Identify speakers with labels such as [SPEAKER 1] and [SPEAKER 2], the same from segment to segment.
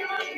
[SPEAKER 1] Thank you.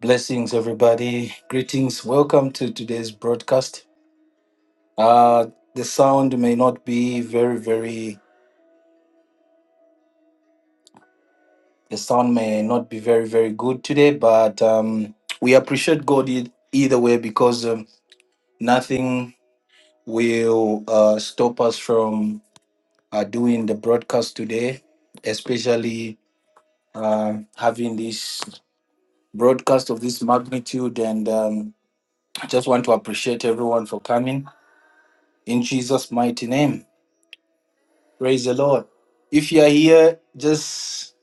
[SPEAKER 1] Blessings, everybody. Greetings. Welcome to today's broadcast. Uh, the sound may not be very, very The sound may not be very, very good today, but um, we appreciate God e- either way because um, nothing will uh, stop us from uh, doing the broadcast today, especially uh, having this broadcast of this magnitude. And um, I just want to appreciate everyone for coming in Jesus' mighty name. Praise the Lord. If you are here, just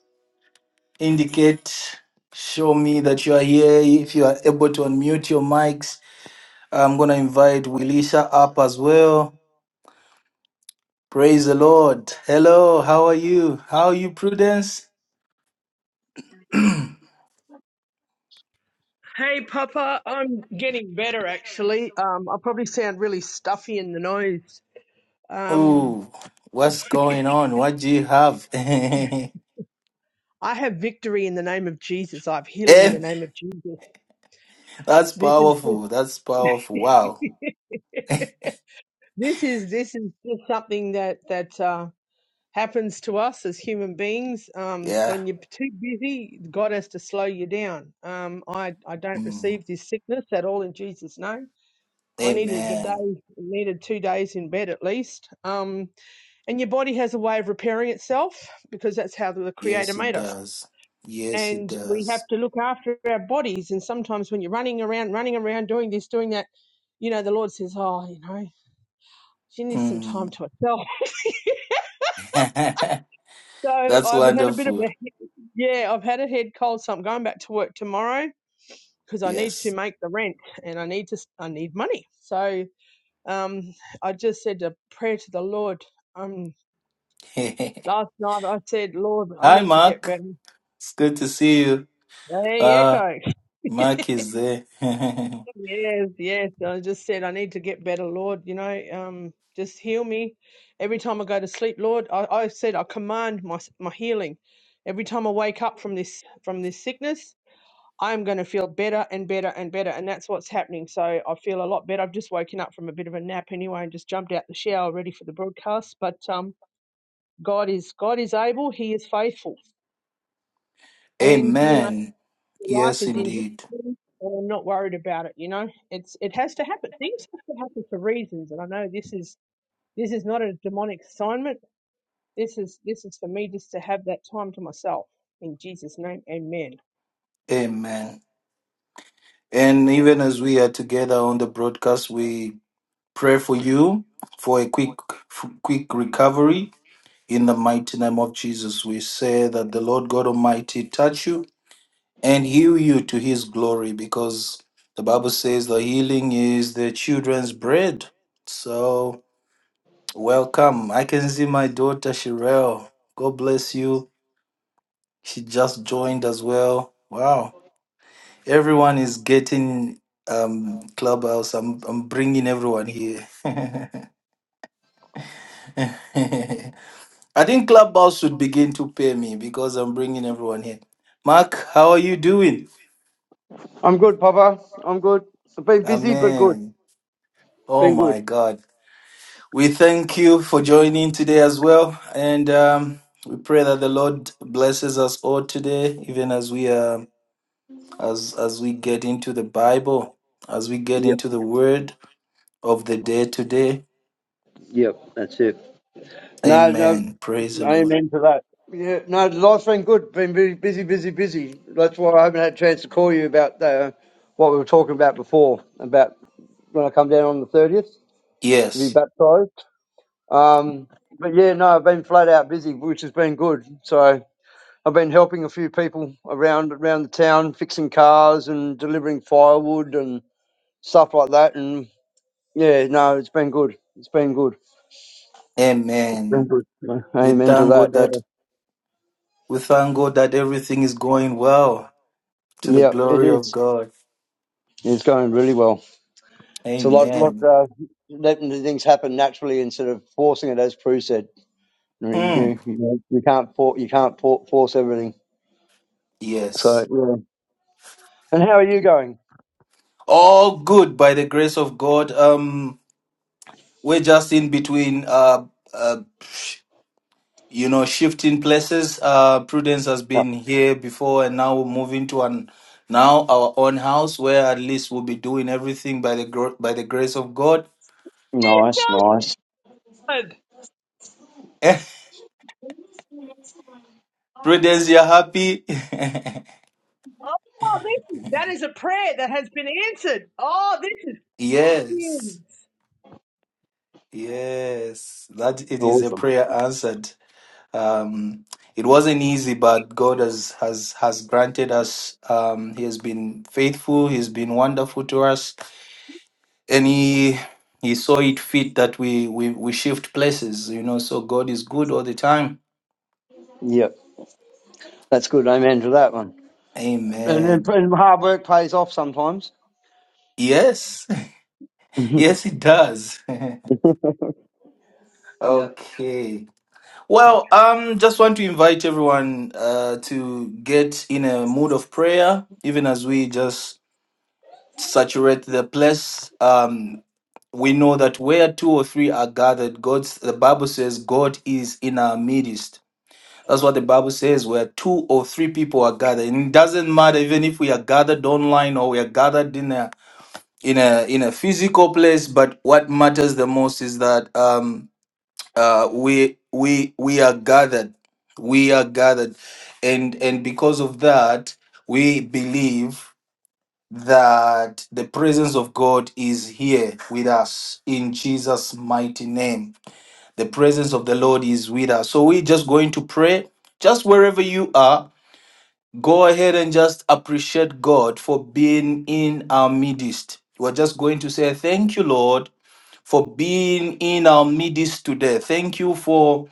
[SPEAKER 1] indicate show me that you are here. If you are able to unmute your mics, I'm gonna invite Wilisha up as well. Praise the Lord. Hello, how are you? How are you, Prudence?
[SPEAKER 2] Hey, Papa, I'm getting better actually. Um, I probably sound really stuffy in the nose. Um,
[SPEAKER 1] Oh, what's going on? What do you have?
[SPEAKER 2] I have victory in the name of Jesus. I have healing in
[SPEAKER 1] Eh,
[SPEAKER 2] the name of Jesus.
[SPEAKER 1] That's
[SPEAKER 2] This is
[SPEAKER 1] powerful. That's powerful. Wow.
[SPEAKER 2] just, this is this is just something that that uh, happens to us as human beings. Um,
[SPEAKER 1] Yeah.
[SPEAKER 2] when you're too busy, God has to slow you down. Um, I I don't
[SPEAKER 1] Mm.
[SPEAKER 2] receive this sickness at all in Jesus' name. I needed the
[SPEAKER 1] Amen.
[SPEAKER 2] day, needed two days in bed at least. Um, And your body has a way of repairing itself because that's how the Creator
[SPEAKER 1] Yes, it
[SPEAKER 2] made us.
[SPEAKER 1] does. Yes, it
[SPEAKER 2] And we have
[SPEAKER 1] does.
[SPEAKER 2] to look after our bodies. And sometimes when you're running around, running around, doing this, doing that, you know, the Lord says, Oh, you know, she needs some time
[SPEAKER 1] Mm.
[SPEAKER 2] to herself. So
[SPEAKER 1] That's
[SPEAKER 2] I've had a bit of
[SPEAKER 1] wonderful.
[SPEAKER 2] a, yeah, I've had a head cold. So I'm going back to work tomorrow because I need to
[SPEAKER 1] Yes.
[SPEAKER 2] make the rent and I need to, I need money. So um, I just said a prayer to the Lord. Um,
[SPEAKER 1] Hi,
[SPEAKER 2] last night I said, Lord, I need to get
[SPEAKER 1] Mark.
[SPEAKER 2] better.
[SPEAKER 1] It's good to see you.
[SPEAKER 2] There you
[SPEAKER 1] Uh,
[SPEAKER 2] go.
[SPEAKER 1] Mark is there.
[SPEAKER 2] Yes, yes. I just said, I need to get better, Lord. You know, um, just heal me. Every time I go to sleep, Lord, I, I said, I command my my healing. Every time I wake up from this from this sickness, I am going to feel better and better and better, and that's what's happening. So I feel a lot better. I've just woken up from a bit of a nap anyway, and just jumped out the shower ready for the broadcast. But um, God is God is able. He is faithful, and you know.
[SPEAKER 1] Amen.
[SPEAKER 2] Your life
[SPEAKER 1] Yes,
[SPEAKER 2] is in His
[SPEAKER 1] indeed.
[SPEAKER 2] hands, and I'm not worried about it. You know, it's it has to happen. Things have to happen for reasons, and I know this is this is not a demonic assignment. This is this is for me just to have that time to myself. In Jesus' name, Amen.
[SPEAKER 1] Amen. And even as we are together on the broadcast, we pray for you for a quick, quick recovery in the mighty name of Jesus. We say that the Lord God Almighty touch you and heal you to His glory, because the Bible says the healing is the children's bread. So welcome. I can see my daughter Sherelle. God bless you. She just joined as well. Wow. Everyone is getting um clubhouse. I'm I'm bringing everyone here. I think clubhouse should begin to pay me because I'm bringing everyone here. Mark, how are you doing?
[SPEAKER 3] I'm good, Papa. I'm good. I've been busy, but good.
[SPEAKER 1] Amen. Oh
[SPEAKER 3] Been
[SPEAKER 1] my
[SPEAKER 3] good.
[SPEAKER 1] God. We thank you for joining today as well, and um, we pray that the Lord blesses us all today, even as we are as as we get into the Bible, as we get
[SPEAKER 3] Yep,
[SPEAKER 1] into the Word of the day today.
[SPEAKER 3] yep, that's it. No, no,
[SPEAKER 1] Amen. Praise the Lord.
[SPEAKER 3] amen to that. Yeah, no, life's been good. Been very busy, busy, busy. That's why I haven't had a chance to call you about uh, what we were talking about before, about when I come down on the 30th to be
[SPEAKER 1] Yes.
[SPEAKER 3] baptized. Um, but yeah, no, I've been flat out busy, which has been good. So I've been helping a few people around around the town, fixing cars and delivering firewood and stuff like that. and Yeah, no, it's been good. It's been good. Been
[SPEAKER 1] Amen.
[SPEAKER 3] good.
[SPEAKER 1] We
[SPEAKER 3] Amen to
[SPEAKER 1] thank
[SPEAKER 3] that.
[SPEAKER 1] God
[SPEAKER 3] Yeah,
[SPEAKER 1] that we thank God that everything is going well to the
[SPEAKER 3] yeah, it
[SPEAKER 1] glory of
[SPEAKER 3] is.
[SPEAKER 1] God.
[SPEAKER 3] It's going really well. It's a lot, lot
[SPEAKER 1] Amen.
[SPEAKER 3] uh, letting the things happen naturally instead of forcing it, as Prue said. You know,
[SPEAKER 1] Mm,
[SPEAKER 3] you, you, you can't for, you can't for, force everything. So
[SPEAKER 1] Yes.
[SPEAKER 3] yeah. And how are you going?
[SPEAKER 1] All good by the grace of God. Um we're just in between uh uh you know shifting places. Uh Prudence has
[SPEAKER 3] Uh,
[SPEAKER 1] been here before and now we're moving to an now our own house where at least we'll be doing everything by the gro- by the grace of God.
[SPEAKER 3] nice, nice,
[SPEAKER 2] Good.
[SPEAKER 1] Prudence, you're happy?
[SPEAKER 2] Oh, this is, that is a prayer that has been answered. Oh, this is
[SPEAKER 1] yes, yes, that it is a
[SPEAKER 3] awesome.
[SPEAKER 1] prayer answered. Um, it wasn't easy, but God has has has granted us. Um, he has been faithful. He's been wonderful to us, and he he saw it fit that we we we shift places. You know, so God is good all the time.
[SPEAKER 3] Yep, that's good. Amen to that one. And, and,
[SPEAKER 1] Amen.
[SPEAKER 3] and hard work pays off sometimes.
[SPEAKER 1] Yes, yes, it does.
[SPEAKER 3] Yeah.
[SPEAKER 1] okay. Well, um, just want to invite everyone uh, to get in a mood of prayer, even as we just saturate the place. Um, we know that where two or three are gathered, God's the Bible says God is in our midst. That's what the Bible says, where two or three people are gathered. And it doesn't matter even if we are gathered online or we are gathered in a in a in a physical place, but what matters the most is that um uh, we we we are gathered we are gathered and and because of that we believe that the presence of god is here with us in jesus mighty name the presence of the lord is with us so we're just going to pray just wherever you are go ahead and just appreciate god for being in our midst we're just going to say thank you lord for being in our midst today thank you for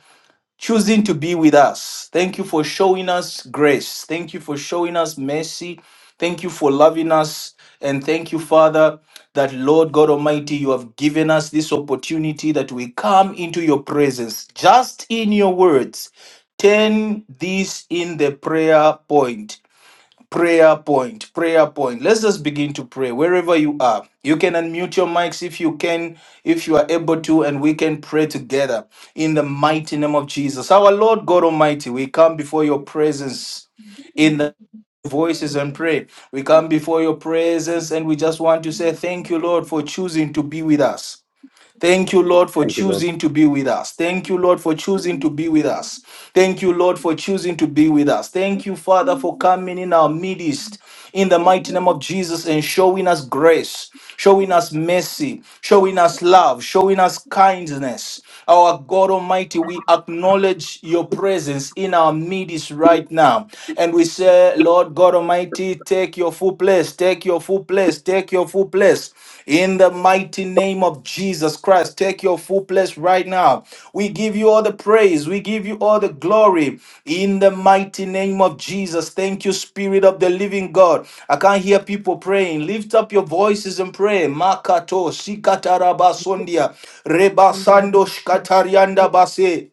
[SPEAKER 1] choosing to be with us. Thank you for showing us grace. Thank you for showing us mercy. Thank you for loving us. And thank you, Father, that Lord God Almighty, you have given us this opportunity that we come into your presence just in your words. Turn this in the prayer point prayer point prayer point let's just begin to pray wherever you are you can unmute your mics if you can if you are able to and we can pray together in the mighty name of jesus our lord god almighty we come before your presence in the voices and pray we come before your presence and we just want to say thank you lord for choosing to be with us Thank you, Lord, for
[SPEAKER 3] Thank you, Lord.
[SPEAKER 1] choosing to be with us. Thank you, Lord, for choosing to be with us. Thank you, Lord, for choosing to be with us. Thank you, Father, for coming in our midst in the mighty name of Jesus and showing us grace, showing us mercy, showing us love, showing us kindness. Our God Almighty, we acknowledge your presence in our midst right now. And we say, Lord God Almighty, take your full place, take your full place, take your full place. In the mighty name of Jesus Christ, take your full place right now. We give you all the praise, we give you all the glory. In the mighty name of Jesus, thank you, Spirit of the Living God. I can't hear people praying. Lift up your voices and pray. Makato, Sikatarabasondia, Rebasando, Shkatarianda
[SPEAKER 2] huge.
[SPEAKER 1] Base.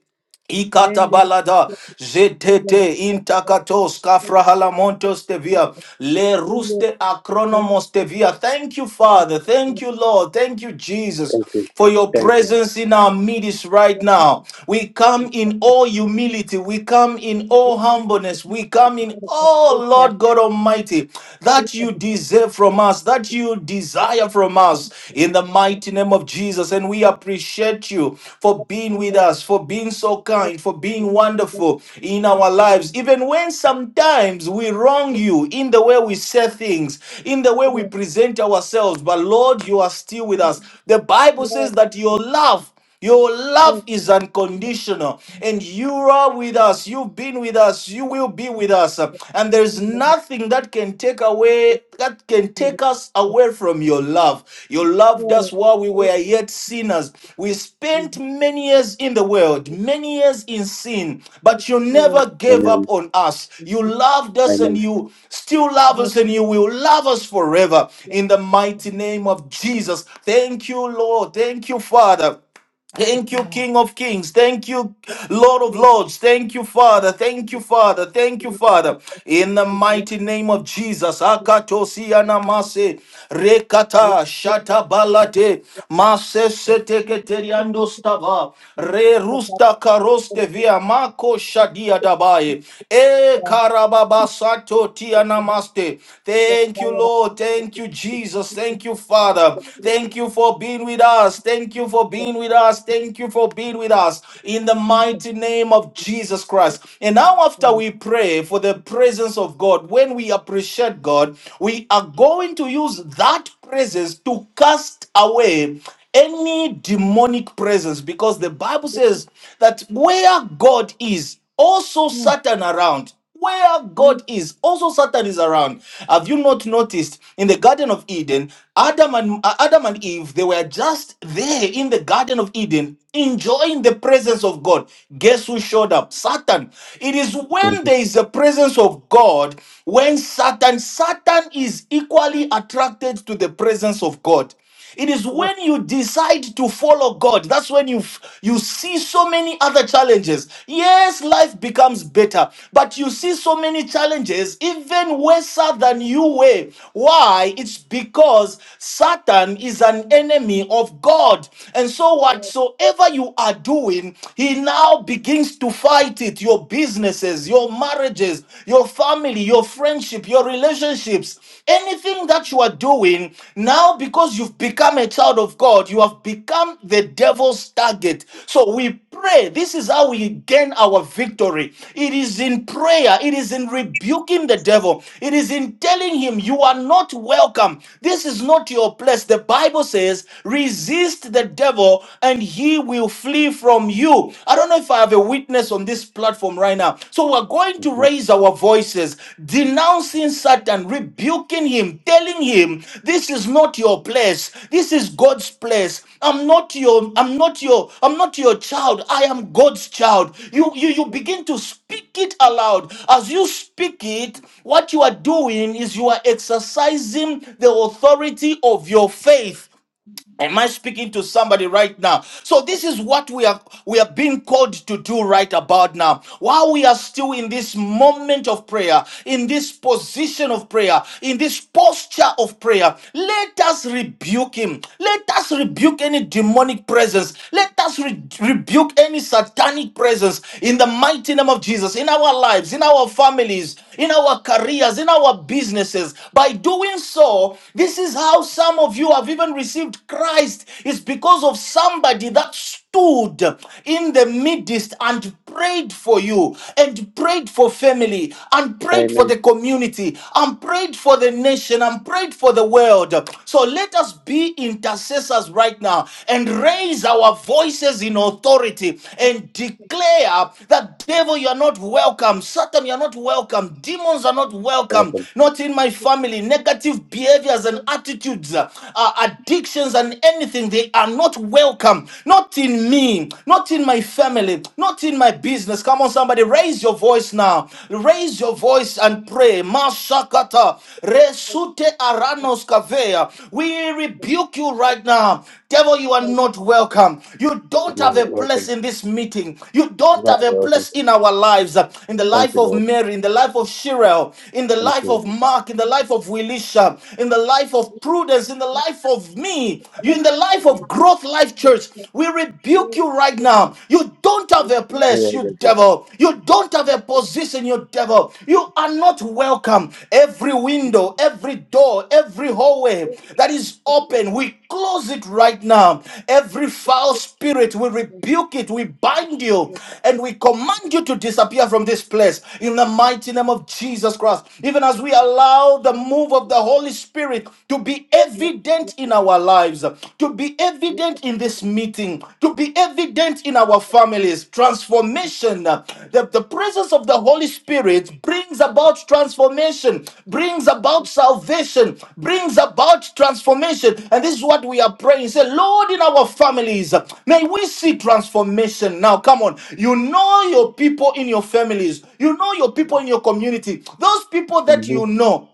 [SPEAKER 1] Ikatabalada, Zetete, Intakatos, Kafrahalamontos Tevia, Le
[SPEAKER 2] Yes,
[SPEAKER 1] Ruste Acronomos Tevia. Thank you, Father. Thank you, Lord. Thank you, Jesus,
[SPEAKER 3] Thank you.
[SPEAKER 1] for your
[SPEAKER 3] Thank you.
[SPEAKER 1] presence in our midst right now. We come in all humility. We come in all humbleness. We come in all, Lord God Almighty, that you deserve from us, that you desire from from us in the mighty name of Jesus. And we appreciate you for being with us, for being so kind, for being wonderful in our lives, even when sometimes we wrong you in the way we say things, in the way we present ourselves. But Lord, you are still with us. The Bible says that your love. Your love is unconditional, and you are with us. You've been with us. You will be with us. And there's nothing that can take away, that can take us away from your love. You loved us while we were yet sinners. We spent many years in the world, many years in sin, but you never gave up
[SPEAKER 3] Amen.
[SPEAKER 1] on us. You loved us and you still love us and you will love us forever. In the mighty name of Jesus. Thank you, Lord. Thank you, Father. Thank you, King of Kings. Thank you, Lord of Lords. Thank you, Father. Thank you, Father. Thank you, Father. In the mighty name of Jesus. Akatosi anamase. Rekata shata balate. Mase sete stava. Re rusta karoste via. Mako shadia dabaye. E karababa tia namaste. Thank you, Lord. Thank you, Jesus. Thank you, Father. Thank you for being with us. Thank you for being being with us. Thank you for being with us in the mighty name of Jesus Christ. And now, after we pray for the presence of God, when we appreciate God, we are going to use that presence to cast away any demonic presence because the Bible says that where God is, also Satan around where God is. Also, Satan is around. Have you not noticed in the Garden of Eden, Adam and uh, Adam and Eve, they were just there in the Garden of Eden, enjoying the presence of God. Guess who showed up? Satan. It is
[SPEAKER 3] Amen.
[SPEAKER 1] when there is the presence of God, when Satan, Satan is equally attracted to the presence of God. It is when you decide to follow God. That's when you you see so many other challenges. Yes, life becomes better, but you see so many challenges even worse than you were. Why? It's because Satan is an enemy of God. And so whatsoever you are doing, he now begins to fight it. Your businesses, your marriages, your family, your friendship, your relationships, anything that you are doing now because you've become a child of God, you have become the devil's target. So we pray. This is how we gain our victory. It is in prayer, it is in rebuking the devil, it is in telling him, You are not welcome. This is not your place. The Bible says, Resist the devil and he will flee from you. I don't know don't know if I have a witness on this platform right now. So we're going to raise our voices, denouncing Satan, rebuking him, telling him, "This is not your place. This is God's place. I'm not your. I'm not your. I'm not your child. I am God's child." You you you begin to speak it aloud. As you speak it, what you are doing is you are exercising the authority of your faith. Am I speaking to somebody right now? So this is what we are we are being called to do right about now. While we are still in this moment of prayer, in this position of prayer, in this posture of prayer, let us rebuke him. Let us rebuke any demonic presence. Let us re- rebuke any satanic presence in the mighty name of Jesus in our lives, in our families, in our careers, in our businesses. By doing so, this is how some of you have even even received Christ is because of somebody that stood in the midst and prayed for you and prayed for family and prayed for
[SPEAKER 3] Amen.
[SPEAKER 1] the community and prayed for the nation and prayed for the world. So let us be intercessors right now and raise our voices in authority and declare that devil, you are not welcome. Satan, you are not welcome. Demons are not welcome.
[SPEAKER 3] Welcome.
[SPEAKER 1] Not in my family. Negative behaviors and attitudes foods, uh, uh, addictions, and anything, they are not welcome. Not in me, not in my family, not in my business. Come on, somebody, raise your voice now. Raise your voice and pray. Masakata, resute aranos kavea. We rebuke you right now. Devil, you are not welcome. You don't
[SPEAKER 3] You're
[SPEAKER 1] have a place
[SPEAKER 3] welcome.
[SPEAKER 1] in this meeting. You
[SPEAKER 3] You're
[SPEAKER 1] don't
[SPEAKER 3] Not
[SPEAKER 1] have a
[SPEAKER 3] welcome.
[SPEAKER 1] place in our lives. In the
[SPEAKER 3] Thank
[SPEAKER 1] life
[SPEAKER 3] you,
[SPEAKER 1] of
[SPEAKER 3] Lord.
[SPEAKER 1] Mary, in the life of Shirel, in the
[SPEAKER 3] Thank
[SPEAKER 1] life
[SPEAKER 3] you.
[SPEAKER 1] of Mark, in the life of Wilisha, in the life of prudence, in the life of me, you in the life of growth life church, we rebuke you right now. You don't have a
[SPEAKER 3] You're
[SPEAKER 1] place, you
[SPEAKER 3] very good.
[SPEAKER 1] devil. You don't have a position, you devil. You are not welcome. Every window, every door, every hallway that is open, we close it right now. Every foul spirit, we rebuke it, we bind you, and we command you to disappear from this place in the mighty name of Jesus Christ. Even as we allow the move of of the Holy Spirit to be evident in our lives, to be evident in this meeting, to be evident in our families. Transformation. The, the presence of the Holy Spirit brings about transformation, brings about salvation, brings about transformation. And this is what we are praying. Say, Lord, in our families, may we see transformation. Now, come on. You know your people in your families, you know your people in your community, those people that
[SPEAKER 3] hmm
[SPEAKER 1] you know.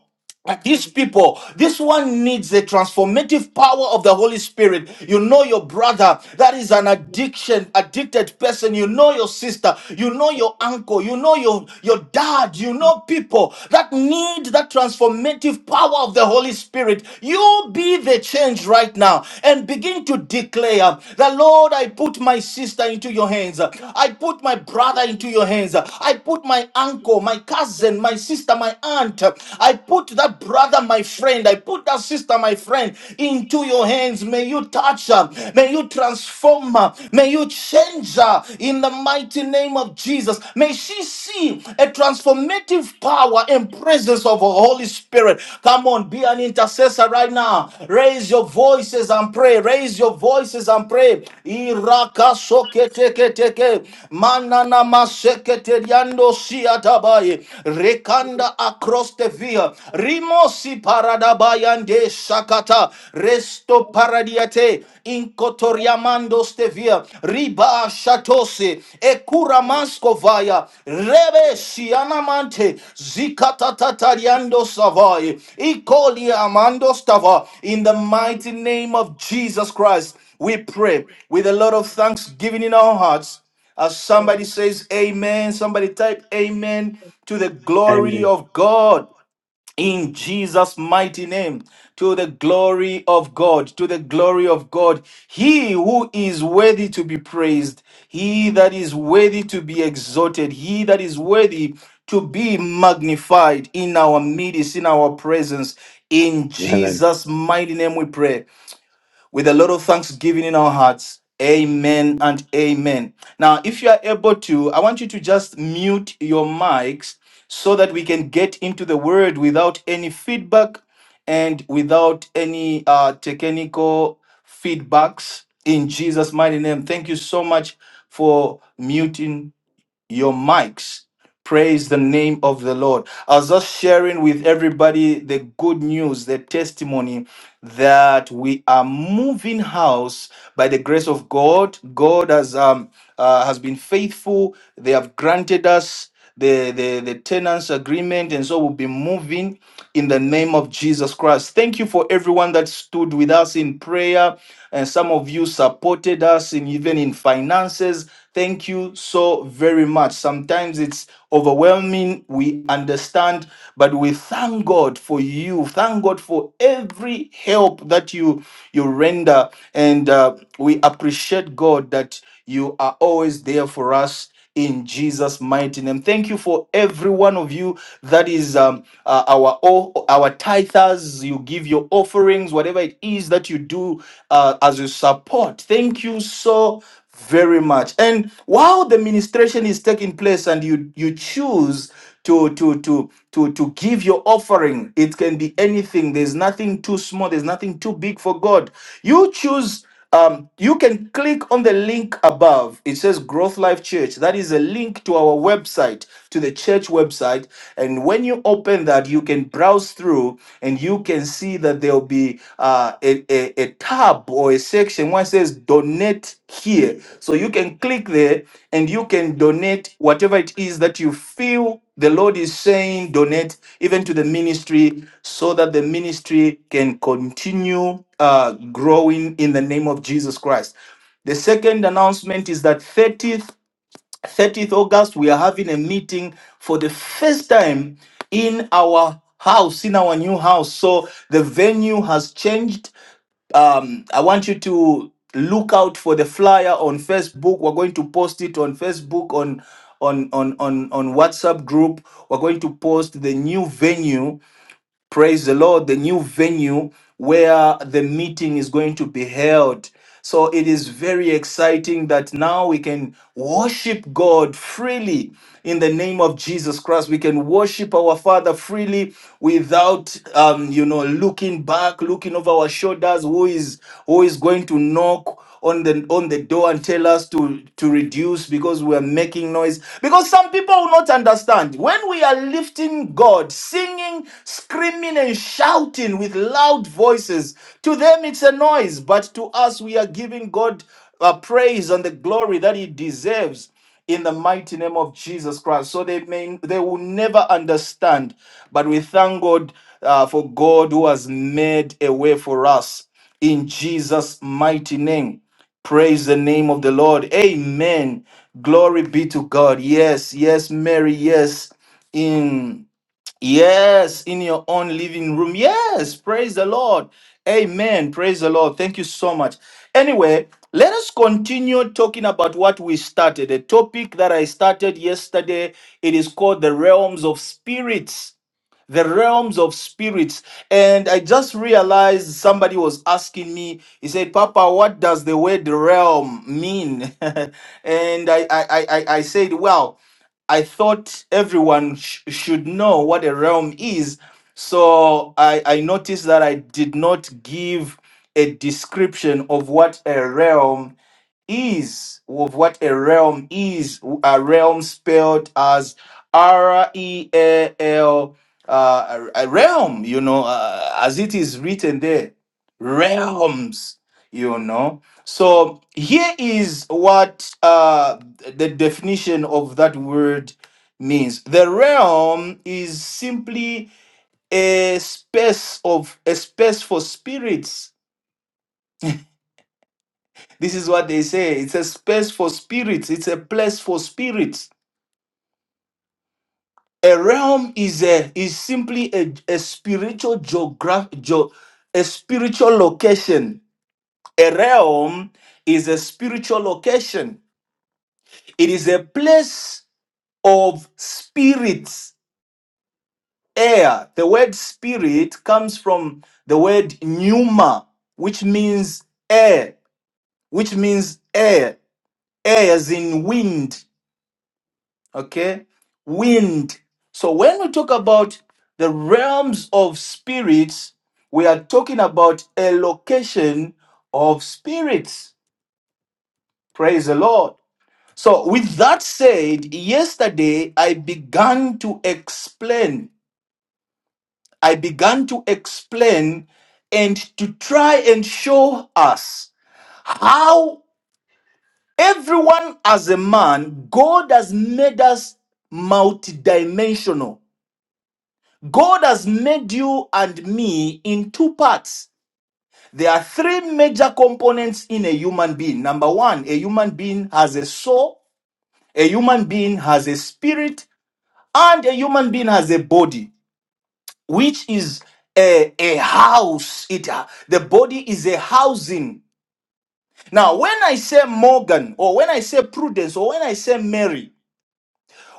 [SPEAKER 1] And These people, this one needs the transformative power of the Holy Spirit. You know your brother, that is an addiction, addicted person. You know your sister, you know your uncle, you know your, your dad, you know people that need that transformative power of the Holy Spirit. You be the change right now and begin to declare that, Lord, I put my sister into your hands. I put my brother into your hands. I put my uncle, my cousin, my sister, my aunt. I put put that brother, my friend, I put that sister, my friend, into your hands. May you touch her. May you transform her. May you change her in the mighty name of Jesus. May she see a transformative power and presence of the Holy Spirit. Come on, be an intercessor right now. Raise your voices and pray. Raise your voices and pray. Iraka soketeketeke. Manana maseketeriando siatabaye. Rekanda across the via. Sakadia, Rimosi Paradabayande Sakata, Resto Paradiate, Inkotoriamando Stevia, Riba Shatose, Ekura Maskovaya, Rebe Sianamante, Zikatatatariando Savai, Ikoli Amando Stava, in the mighty name of Jesus Christ. We pray with a lot of thanksgiving in our hearts. As somebody says amen, somebody type amen to the glory
[SPEAKER 3] Amen.
[SPEAKER 1] of God in Jesus' mighty name, to the glory of God, to the glory of God, he who is worthy to be praised, he that is worthy to be exalted, he that is worthy to be magnified in our midst, in our presence. In
[SPEAKER 3] Amen.
[SPEAKER 1] Jesus' mighty name we pray with a lot of thanksgiving in our hearts. Amen and amen. Now, if you are able to, I want you to just mute your mics so that we can get into the word without any feedback and without any uh, technical feedbacks in Jesus' mighty name. Thank you so much for muting your mics. Praise the name of the Lord. I was just sharing with everybody the good news, the testimony that we are moving house by the grace of God. God has um uh, has been faithful. They have granted us the, the the tenants agreement, and so we'll be moving in the name of Jesus Christ. Thank you for everyone that stood with us in prayer, and some of you supported us in even in finances Thank you so very much. Sometimes it's overwhelming. We understand, but we thank God for you. Thank God for every help that you you render, and uh, we appreciate God that you are always there for us in Jesus' mighty name. Thank you for every one of you that is. Um, uh, our o- our tithers, you give your offerings, whatever it is that you do uh, as a support. Thank you so very much. And while the ministration is taking place, and you you choose to to to to to give your offering, it can be anything. There's nothing too small. There's nothing too big for God. You choose. Um, you can click on the link above. It says Growth Life Church. That is a link to our website, to the church website. And when you open that, you can browse through and you can see that there'll be uh, a, a, a tab or a section where it says Donate Here. So you can click there and you can donate whatever it is that you feel the Lord is saying, donate even to the ministry so that the ministry can continue uh, growing in the name of Jesus Christ. The second announcement is that 30th, 30th August, we are having a meeting for the first time in our house, in our new house. So the venue has changed um, I want you to look out for the flyer on Facebook. We're going to post it on Facebook on on on on on WhatsApp group. We're going to post the new venue praise the Lord, the new venue where the meeting is going to be held. So it is very exciting that now we can worship God freely in the name of Jesus Christ. We can worship our Father freely without, um, you know, looking back, looking over our shoulders. Who is who is going to knock? on the on the door and tell us to to reduce because we are making noise because some people will not understand when we are lifting god singing screaming and shouting with loud voices to them it's a noise but to us we are giving god uh, praise and the glory that he deserves in the mighty name of Jesus Christ. So they may they will never understand. But we thank God uh, for God who has made a way for us in Jesus' mighty name. Praise the name of the Lord. Amen. Glory be to God. Yes, yes, Mary, yes. In yes, in your own living room. Yes, praise the Lord. Amen. Praise the Lord. Thank you so much. Anyway, let us continue talking about what we started. A topic that I started yesterday. It is called the realms of spirits the realms of spirits. And I just realized somebody was asking me, he said, Papa, what does the word realm mean? and I, I, I, I I said, Well, I thought everyone sh- should know what a realm is. So I, I noticed that I did not give a description of what a realm is with what a realm is. A realm spelled as R E A L, uh, a realm, you know, uh, as it is written there. Realms, you know. So here is what uh, the definition of that word means. The realm is simply a space of a space for spirits this is what they say. It's a space for spirits. It's a place for spirits. A realm is a is simply a, a spiritual geograph geo- a spiritual location. A realm is a spiritual location. It is a place of spirits, air. The word spirit comes from the word pneuma, which means air, which means air, air as in wind okay wind so when we talk about the realms of spirits we are talking about a location of spirits praise the lord so with that said yesterday i began to explain i began to explain and to try and show us how everyone as a man god has made us multidimensional God has made you and me in two parts. There are three major components in a human being. Number one, a human being has a soul, a human being has a spirit, and a human being has a body, which is a, a house. It uh, the body is a housing. Now, when I say Morgan, or when I say Prudence, or when I say Mary,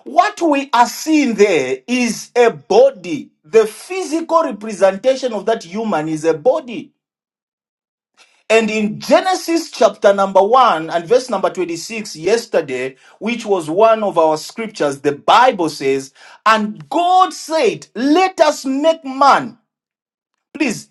[SPEAKER 1] what we are seeing there is a body. The physical representation of that human is a body. And in Genesis chapter number 1 and verse number 26, yesterday, which was one of our scriptures, the Bible says, And God said, Let us make man. Please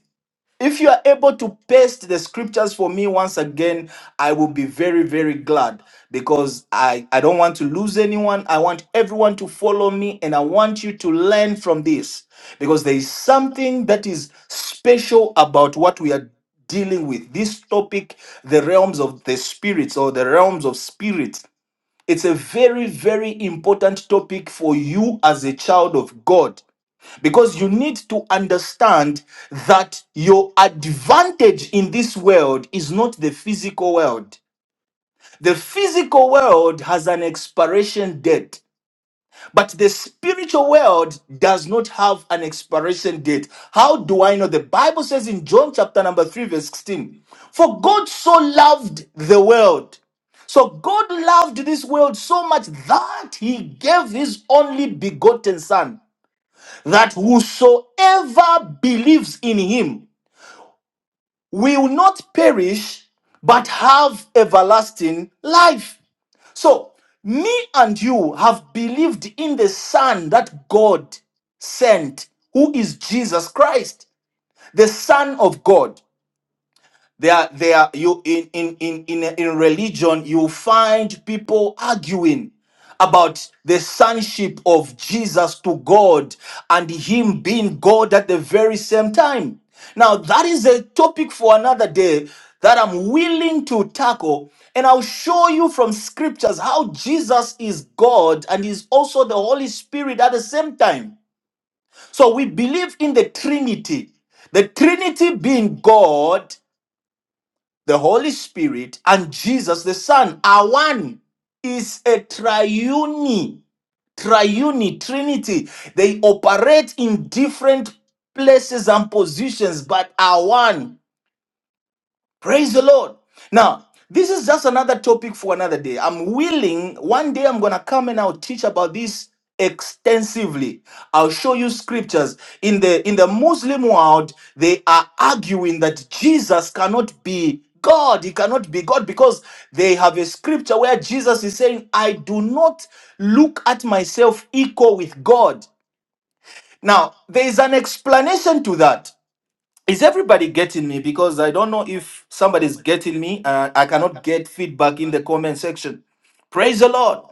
[SPEAKER 1] if you are able to paste the scriptures for me once again, I will be very, very glad because I, I don't want to lose anyone. I want everyone to follow me and I want you to learn from this because there is something that is special about what we are dealing with. This topic, the realms of the spirits or the realms of spirit, it's a very, very important topic for you as a child of God. Because you need to understand that your advantage in this world is not the physical world. The physical world has an expiration date, but the spiritual world does not have an expiration date. How do I know? The Bible says in John chapter number 3, verse 16, For God so loved the world. So God loved this world so much that he gave his only begotten son that whosoever believes in him will not perish but have everlasting life. So, me and you have believed in the Son that God sent, who is Jesus Christ, the Son of God. They are they are you in in in in, in religion you find people arguing about the sonship of Jesus to God and him being God at the very same time. Now that is a topic for another day that I'm willing to tackle and I'll show you from scriptures how Jesus is God and is also the Holy Spirit at the same time. So we believe in the Trinity. The Trinity being God the Holy Spirit, and Jesus the Son are one. Is a triune, triune trinity. They operate in different places and positions, but are one. Praise the Lord. Now, this is just another topic for another day. I'm willing, one day I'm going to come and I'll teach about this extensively. I'll show you scriptures. In the in the Muslim world, they are arguing that Jesus cannot be God. He cannot be God because they have a scripture where Jesus is saying, "I do not look at myself equal with God." Now, there is an explanation to that. Is everybody getting me? Because I don't know if somebody's getting me. Uh, I cannot get feedback in the comment section. Praise the Lord.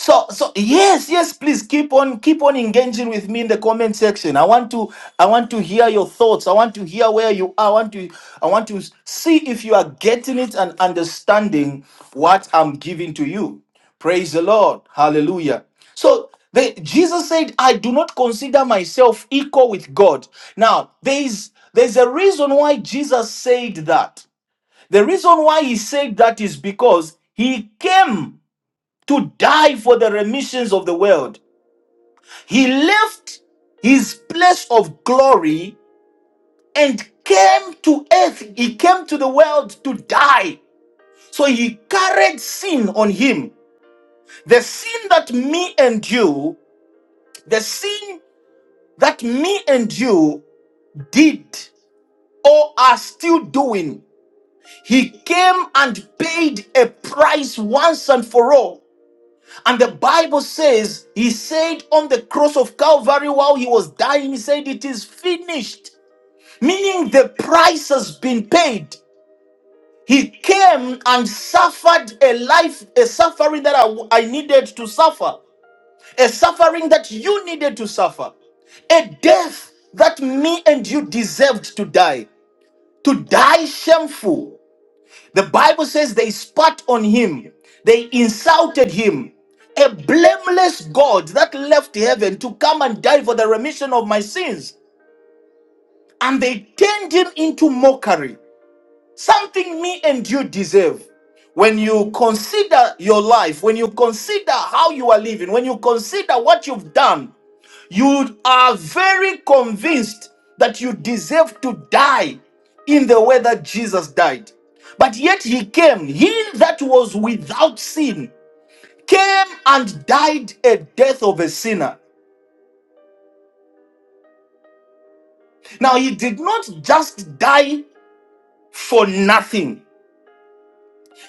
[SPEAKER 1] So, so yes, yes, please keep on keep on engaging with me in the comment section. I want to I want to hear your thoughts. I want to hear where you are. I want to I want to see if you are getting it and understanding what I'm giving to you. Praise the Lord. Hallelujah. So the, Jesus said, I do not consider myself equal with God. Now, there is there's a reason why Jesus said that. The reason why he said that is because he came to die for the remissions of the world. He left his place of glory and came to earth. He came to the world to die. So he carried sin on him. The sin that me and you, the sin that me and you did or are still doing, he came and paid a price once and for all. And the Bible says, He said on the cross of Calvary while He was dying, He said, It is finished. Meaning the price has been paid. He came and suffered a life, a suffering that I, I needed to suffer, a suffering that you needed to suffer, a death that me and you deserved to die, to die shameful. The Bible says they spat on him, they insulted him. A blameless God that left heaven to come and die for the remission of my sins. And they turned him into mockery, something me and you deserve. When you consider your life, when you consider how you are living, when you consider what you've done, you are very convinced that you deserve to die in the way that Jesus died. But yet he came, he that was without sin, came and died a death of a sinner. Now he did not just die for nothing,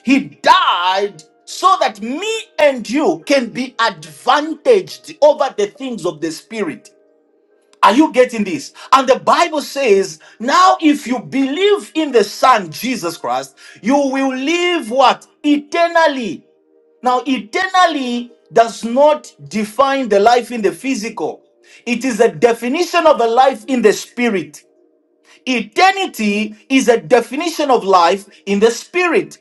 [SPEAKER 1] he died so that me and you can be advantaged over the things of the spirit. Are you getting this? And the Bible says, now if you believe in the Son, Jesus Christ, you will live what? Eternally. Now, eternally does not define the life in the physical, it is a definition of a life in the spirit. Eternity is a definition of life in the spirit.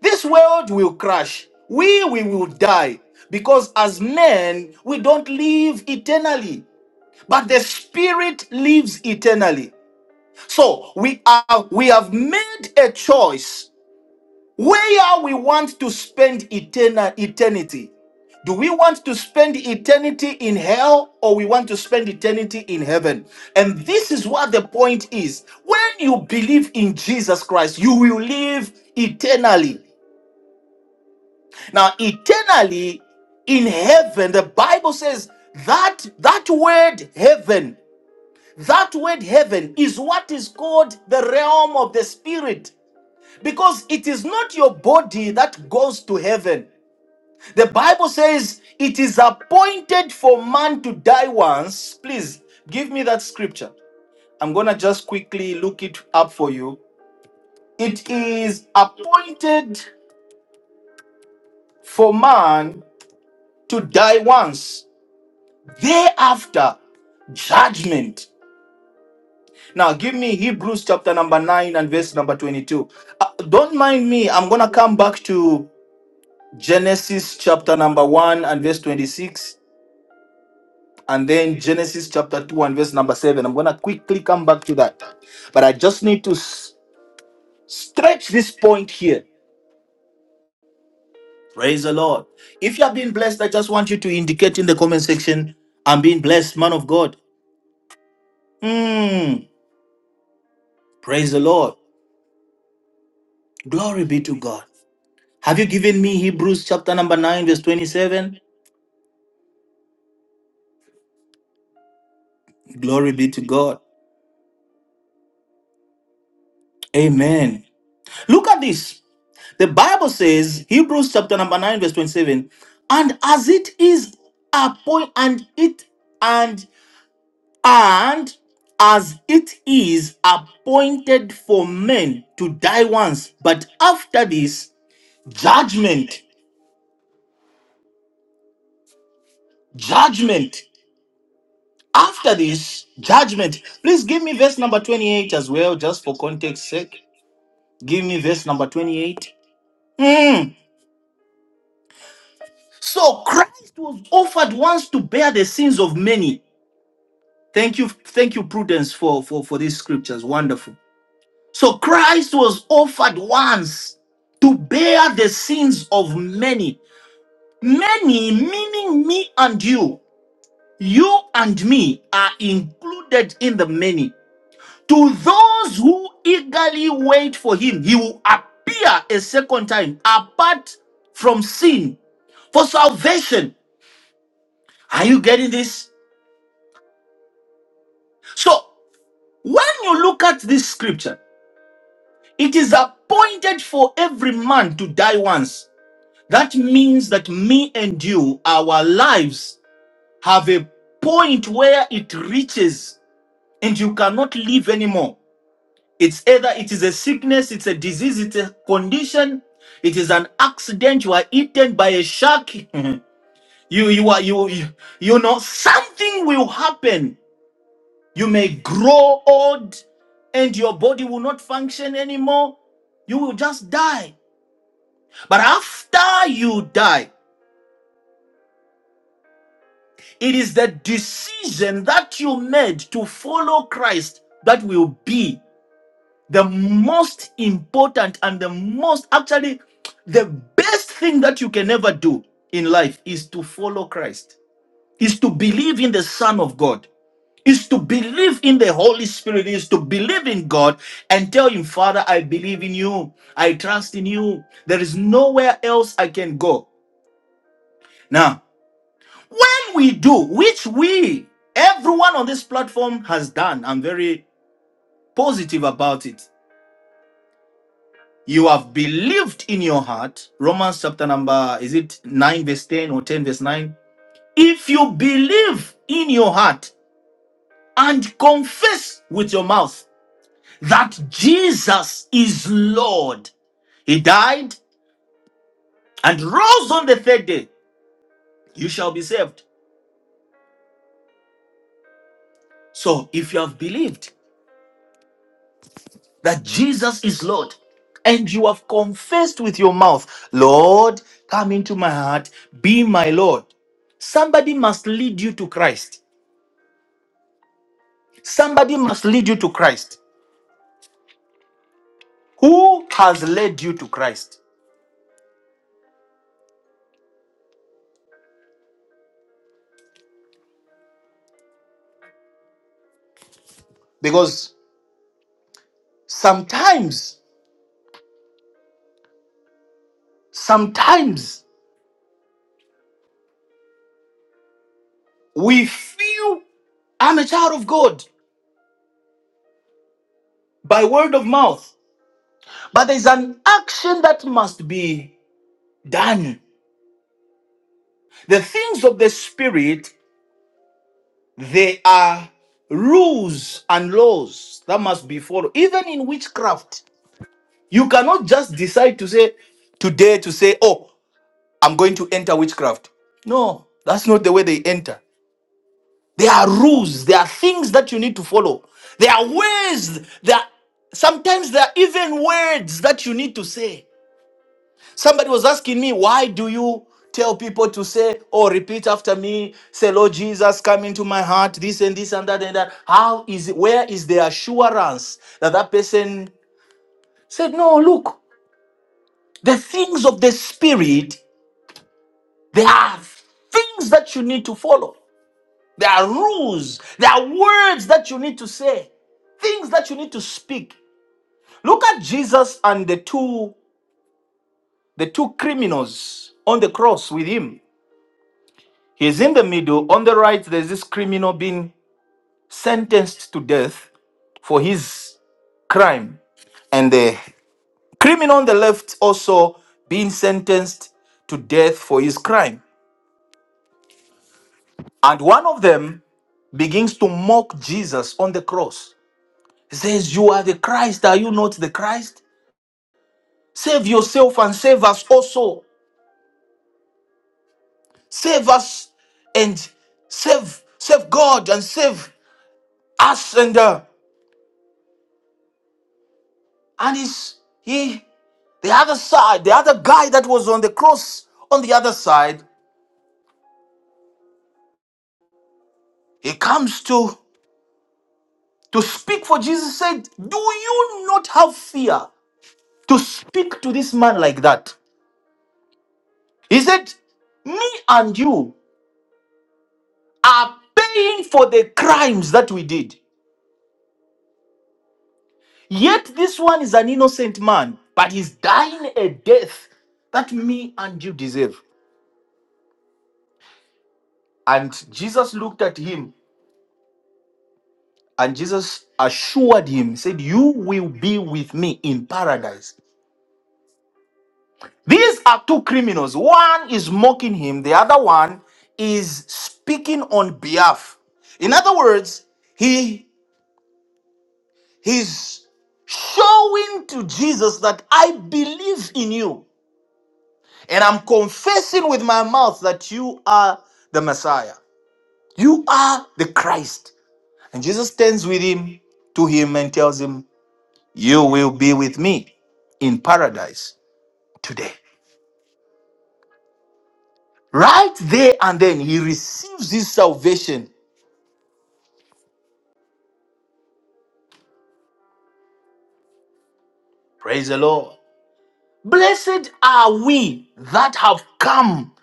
[SPEAKER 1] This world will crash. We, we will die because as men, we don't live eternally but the spirit lives eternally so we are we have made a choice where we want to spend eternal eternity do we want to spend eternity in hell or we want to spend eternity in heaven and this is what the point is when you believe in jesus christ you will live eternally now eternally in heaven the bible says that that word heaven That word heaven is what is called the realm of the spirit because it is not your body that goes to heaven. The Bible says it is appointed for man to die once. Please give me that scripture. I'm going to just quickly look it up for you. It is appointed for man to die once. Thereafter, judgment. Now, give me Hebrews chapter number 9 and verse number 22. Uh, don't mind me. I'm going to come back to Genesis chapter number 1 and verse 26, and then Genesis chapter 2 and verse number 7. I'm going to quickly come back to that. But I just need to s- stretch this point here. Praise the Lord. If you have been blessed, I just want you to indicate in the comment section, I'm being blessed, man of God. Mm, praise the Lord. Glory be to God. Have you given me Hebrews chapter number 9, verse 27? Glory be to God. Amen. Look at this. The Bible says, Hebrews chapter number 9, verse 27, and as it is appoint and it and and as it is appointed for men to die once, but after this, judgment. Judgment. After this, judgment. Please give me verse number 28 as well, just for context sake. Give me verse number 28. Hmm. So Christ was offered once to bear the sins of many. Thank you, thank you, Prudence, for, for, for these scriptures. Wonderful. So Christ was offered once to bear the sins of many. Many, meaning me and you. You and me are included in the many. To those who eagerly wait for him, he will appear a second time apart from sin for salvation. Are you getting this? So When you look at this scripture, it is appointed for every man to die once. That means that me and you, our lives have a point where it reaches and you cannot live anymore. It's either it is a sickness, it's a disease, it's a condition, it is an accident, you are eaten by a shark. you you are you you you know something will happen You may grow old and your body will not function anymore. You will just die. But after you die, it is the decision that you made to follow Christ that will be the most important and the most, actually, the best thing that you can ever do in life is to follow Christ, is to believe in the Son of God. is to believe in the Holy Spirit, is to believe in God and tell Him, Father, I believe in you. I trust in you. There is nowhere else I can go. Now, when we do, which we, everyone on this platform has done, I'm very positive about it. You have believed in your heart. Romans chapter number, is it 9 verse 10 or 10 verse 9? If you believe in your heart and confess with your mouth that Jesus is Lord. He died and rose on the third day. You shall be saved. So if you have believed that Jesus is Lord and you have confessed with your mouth, Lord, come into my heart, be my Lord. Somebody must lead you to Christ. Somebody must lead you to Christ. Who has led you to Christ? Because sometimes, sometimes we feel I'm a child of God. by word of mouth. But there's an action that must be done. The things of the Spirit, they are rules and laws that must be followed. Even in witchcraft, you cannot just decide to say today to say, oh, I'm going to enter witchcraft. No, that's not the way they enter. There are rules, there are things that you need to follow. There are ways, there are, sometimes there are even words that you need to say. Somebody was asking me, why do you tell people to say, oh, repeat after me, say, Lord Jesus, come into my heart, this and this and that and that? How is it, where is the assurance that that person said, no, look, the things of the Spirit, there are things that you need to follow. There are rules, there are words that you need to say, things that you need to speak. Look at Jesus and the two the two criminals on the cross with him He's in the middle. On the right, there's this criminal being sentenced to death for his crime. And the criminal on the left also being sentenced to death for his crime. And one of them begins to mock Jesus on the cross. He says, You are the Christ. Are you not the Christ? Save yourself and save us also. Save us and save save God and save us and uh, and he's, he The other side, the other guy that was on the cross on the other side, he comes to to speak for Jesus said, "Do you not have fear to speak to this man like that?" He said, "Me and you are paying for the crimes that we did. Yet this one is an innocent man, but he's dying a death that me and you deserve." And Jesus looked at him and Jesus assured him, said, You will be with me in paradise. These are two criminals. One is mocking him, the other one is speaking on behalf. In other words, he he's showing to Jesus that I believe in you and I'm confessing with my mouth that you are the Messiah. You are the Christ. And Jesus stands with him to him and tells him, "You will be with me in paradise today." Right there and then he receives his salvation Praise the Lord. Blessed are we that have come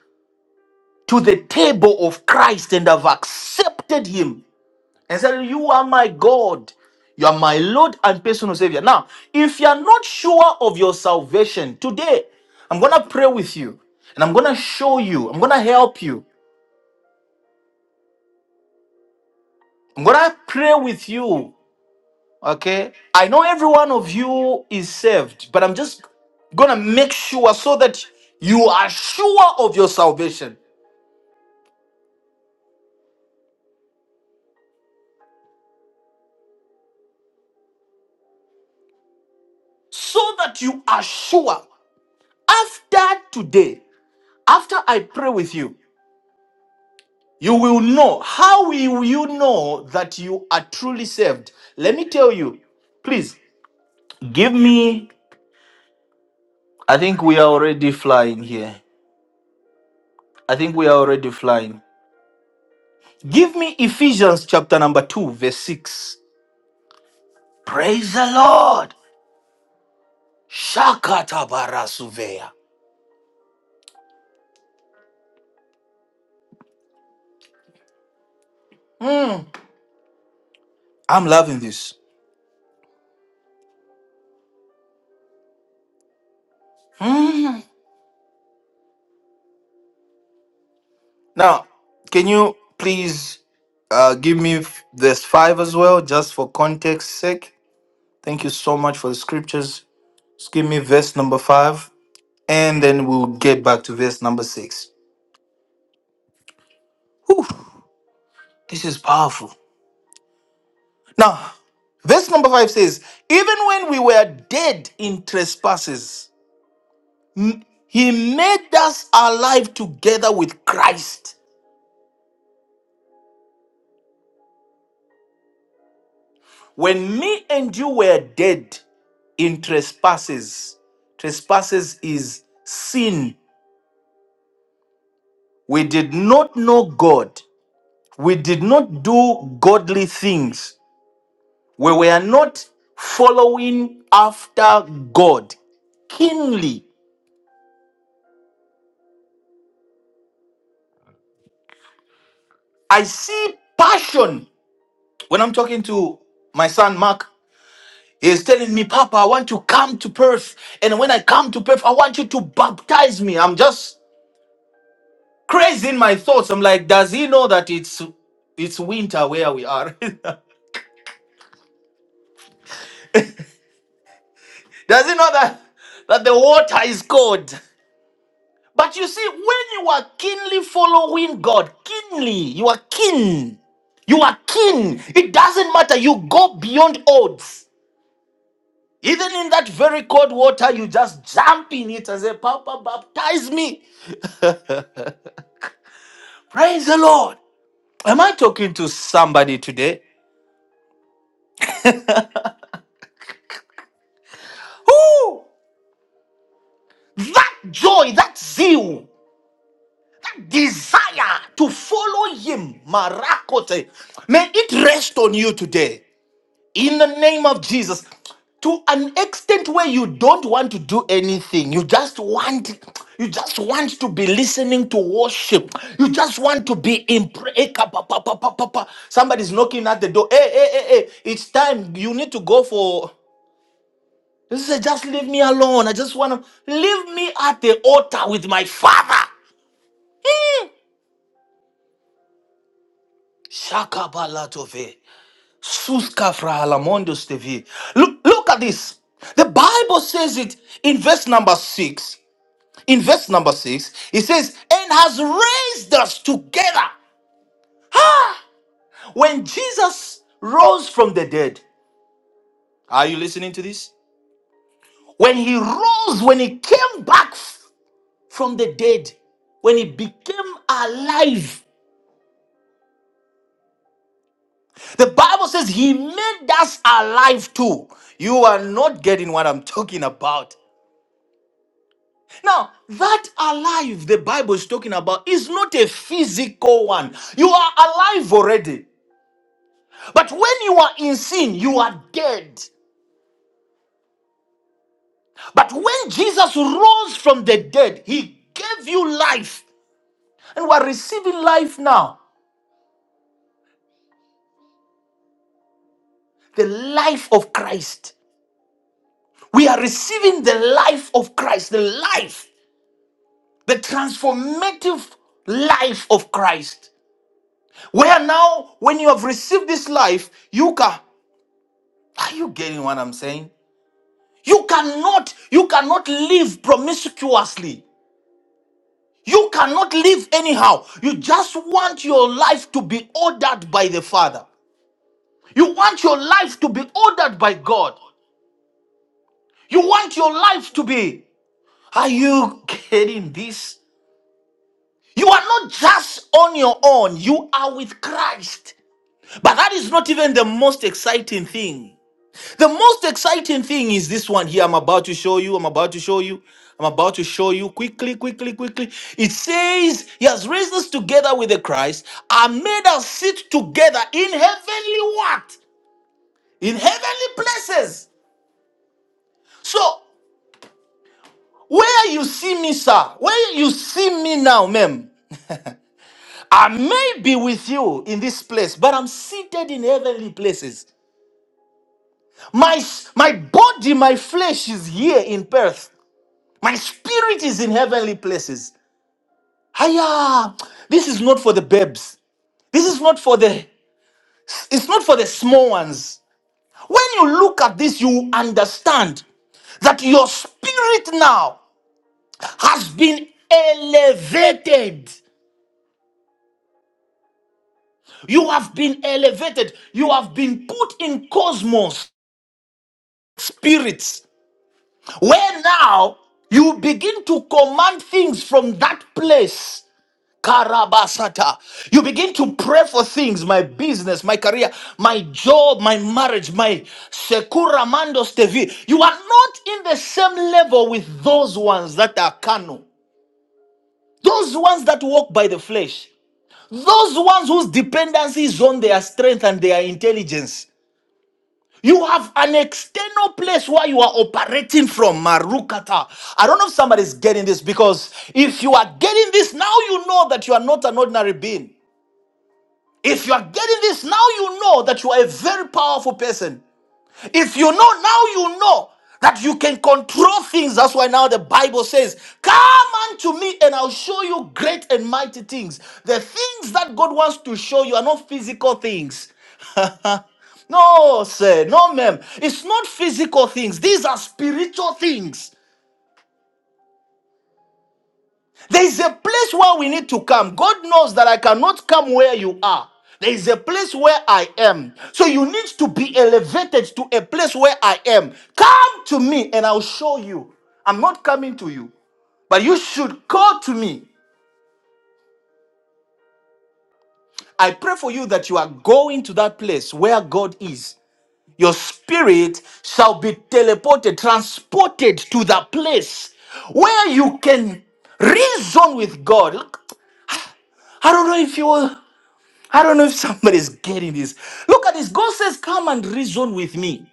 [SPEAKER 1] to the table of Christ and have accepted him and said, You are my God, you are my Lord and personal Savior. Now, if you are not sure of your salvation today, I'm going to pray with you and I'm going to show you, I'm going to help you, I'm going to pray with you. Okay, I know every one of you is saved, but I'm just gonna make sure so that you are sure of your salvation. so that you are sure after today, after I pray with you, you will know. How will you know that you are truly saved? Let me tell you, please give me. I think we are already flying here. I think we are already flying. Give me Ephesians chapter number 2, verse 6. Praise the Lord. Shakata barasuveya. Hmm, I'm loving this. Hmm. Now, can you please uh, give me f- verse 5 as well, just for context sake? Thank you so much for the scriptures. Just give me verse number 5, and then we'll get back to verse number 6. Whew, this is powerful. Now, verse number 5 says, Even when we were dead in trespasses, m- he made us alive together with Christ. When me and you were dead in trespasses, trespasses is sin. We did not know God. We did not do godly things. We were not following after God keenly. I see passion. When I'm talking to my son Mark, he's telling me, Papa, I want to come to Perth. And when I come to Perth, I want you to baptize me. I'm just crazy in my thoughts. I'm like, does he know that it's it's winter where we are? does he know that that the water is cold? But you see, when you are keenly following God, keenly, you are keen. You are keen. It doesn't matter. You go beyond odds. Even in that very cold water, you just jump in it and say, Papa, baptize me. Praise the Lord. Am I talking to somebody today? Who? That joy, that zeal. desire to follow him, Marakote, may it rest on you today in the name of Jesus to an extent where you don't want to do anything you just want you just want to be listening to worship you just want to be in prayer somebody's knocking at the door hey hey hey hey it's time you need to go for this is just leave me alone i just want to leave me at the altar with my father Hmm. Shakabalatove. Suska frahalamondos tevi. Look, look at this. The Bible says it in verse number six. In verse number six, it says, and has raised us together. Ah! When Jesus rose from the dead, are you listening to this? When he rose, when he came back f- from the dead, when he became alive, the Bible says he made us alive too. You are not getting what I'm talking about. Now, that alive the Bible is talking about is not a physical one. You are alive already. But when you are in sin, you are dead. But when Jesus rose from the dead, he gave you life. And we are receiving life now the life of Christ. We are receiving the life of Christ, the life, the transformative life of Christ. Where now, when you have received this life, you can. Are you getting what I'm saying? You cannot, you cannot live promiscuously. You cannot live anyhow. You just want your life to be ordered by the Father. You want your life to be ordered by God. You want your life to be. Are you getting this? You are not just on your own, you are with Christ. But that is not even the most exciting thing. The most exciting thing is this one here. I'm about to show you. I'm about to show you. I'm about to show you quickly, quickly, quickly. It says, He has raised us together with the Christ and made us sit together in heavenly what? In heavenly places. So, where you see me, sir, where you see me now, ma'am, I may be with you in this place, but I'm seated in heavenly places. My, my body, my flesh is here in Perth, My spirit is in heavenly places. Hiya! This is not for the babes. This is not for the it's not for the small ones. When you look at this, you understand that your spirit now has been elevated. You have been elevated. You have been put in cosmos spirits, where now you begin to command things from that place. Karabasata. You begin to pray for things, my business, my career, my job, my marriage, my Sekura Mandos TV. You are not in the same level with those ones that are carnal, those ones that walk by the flesh, those ones whose dependency is on their strength and their intelligence. You have an external place where you are operating from, Marukata. I don't know if somebody's getting this because if you are getting this, now you know that you are not an ordinary being. If you are getting this, now you know that you are a very powerful person. If you know, now you know that you can control things. That's why now the Bible says, Come unto me and I'll show you great and mighty things. The things that God wants to show you are not physical things. no, sir, no, ma'am. It's not physical things, these are spiritual things. There is a place where we need to come. God knows that I cannot come where you are. There is a place where I am. So you need to be elevated to a place where I am. Come to me and I'll show you. I'm not coming to you, but you should call to me. I pray for you that you are going to that place where God is. Your spirit shall be teleported, transported to that place where you can reason with God. Look, I don't know if you will. I don't know if somebody's getting this. Look at this. God says, Come and reason with me.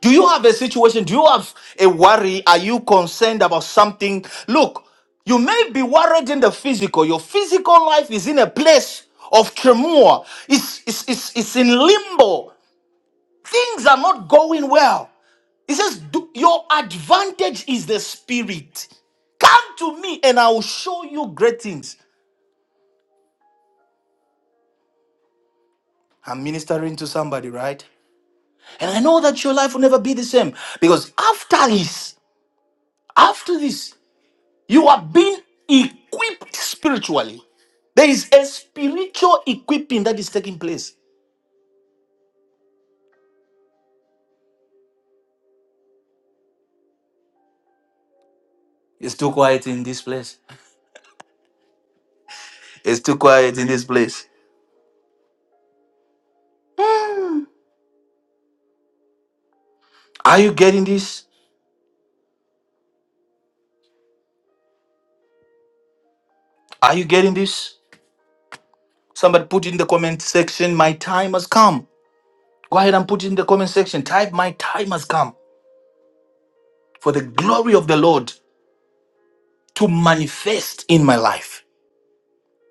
[SPEAKER 1] Do you have a situation? Do you have a worry? Are you concerned about something? Look, you may be worried in the physical. Your physical life is in a place of turmoil, it's, it's, it's, it's in limbo. Things are not going well. He says, "Do- Your advantage is the spirit. Come to me and I will show you great things. I'm ministering to somebody, right? And I know that your life will never be the same because after this, after this, you are being equipped spiritually. There is a spiritual equipping that is taking place. It's too quiet in this place. It's too quiet in this place. Are you getting this? Are you getting this? Somebody put in the comment section, my time has come. Go ahead and put it in the comment section. Type, my time has come for the glory of the Lord to manifest in my life.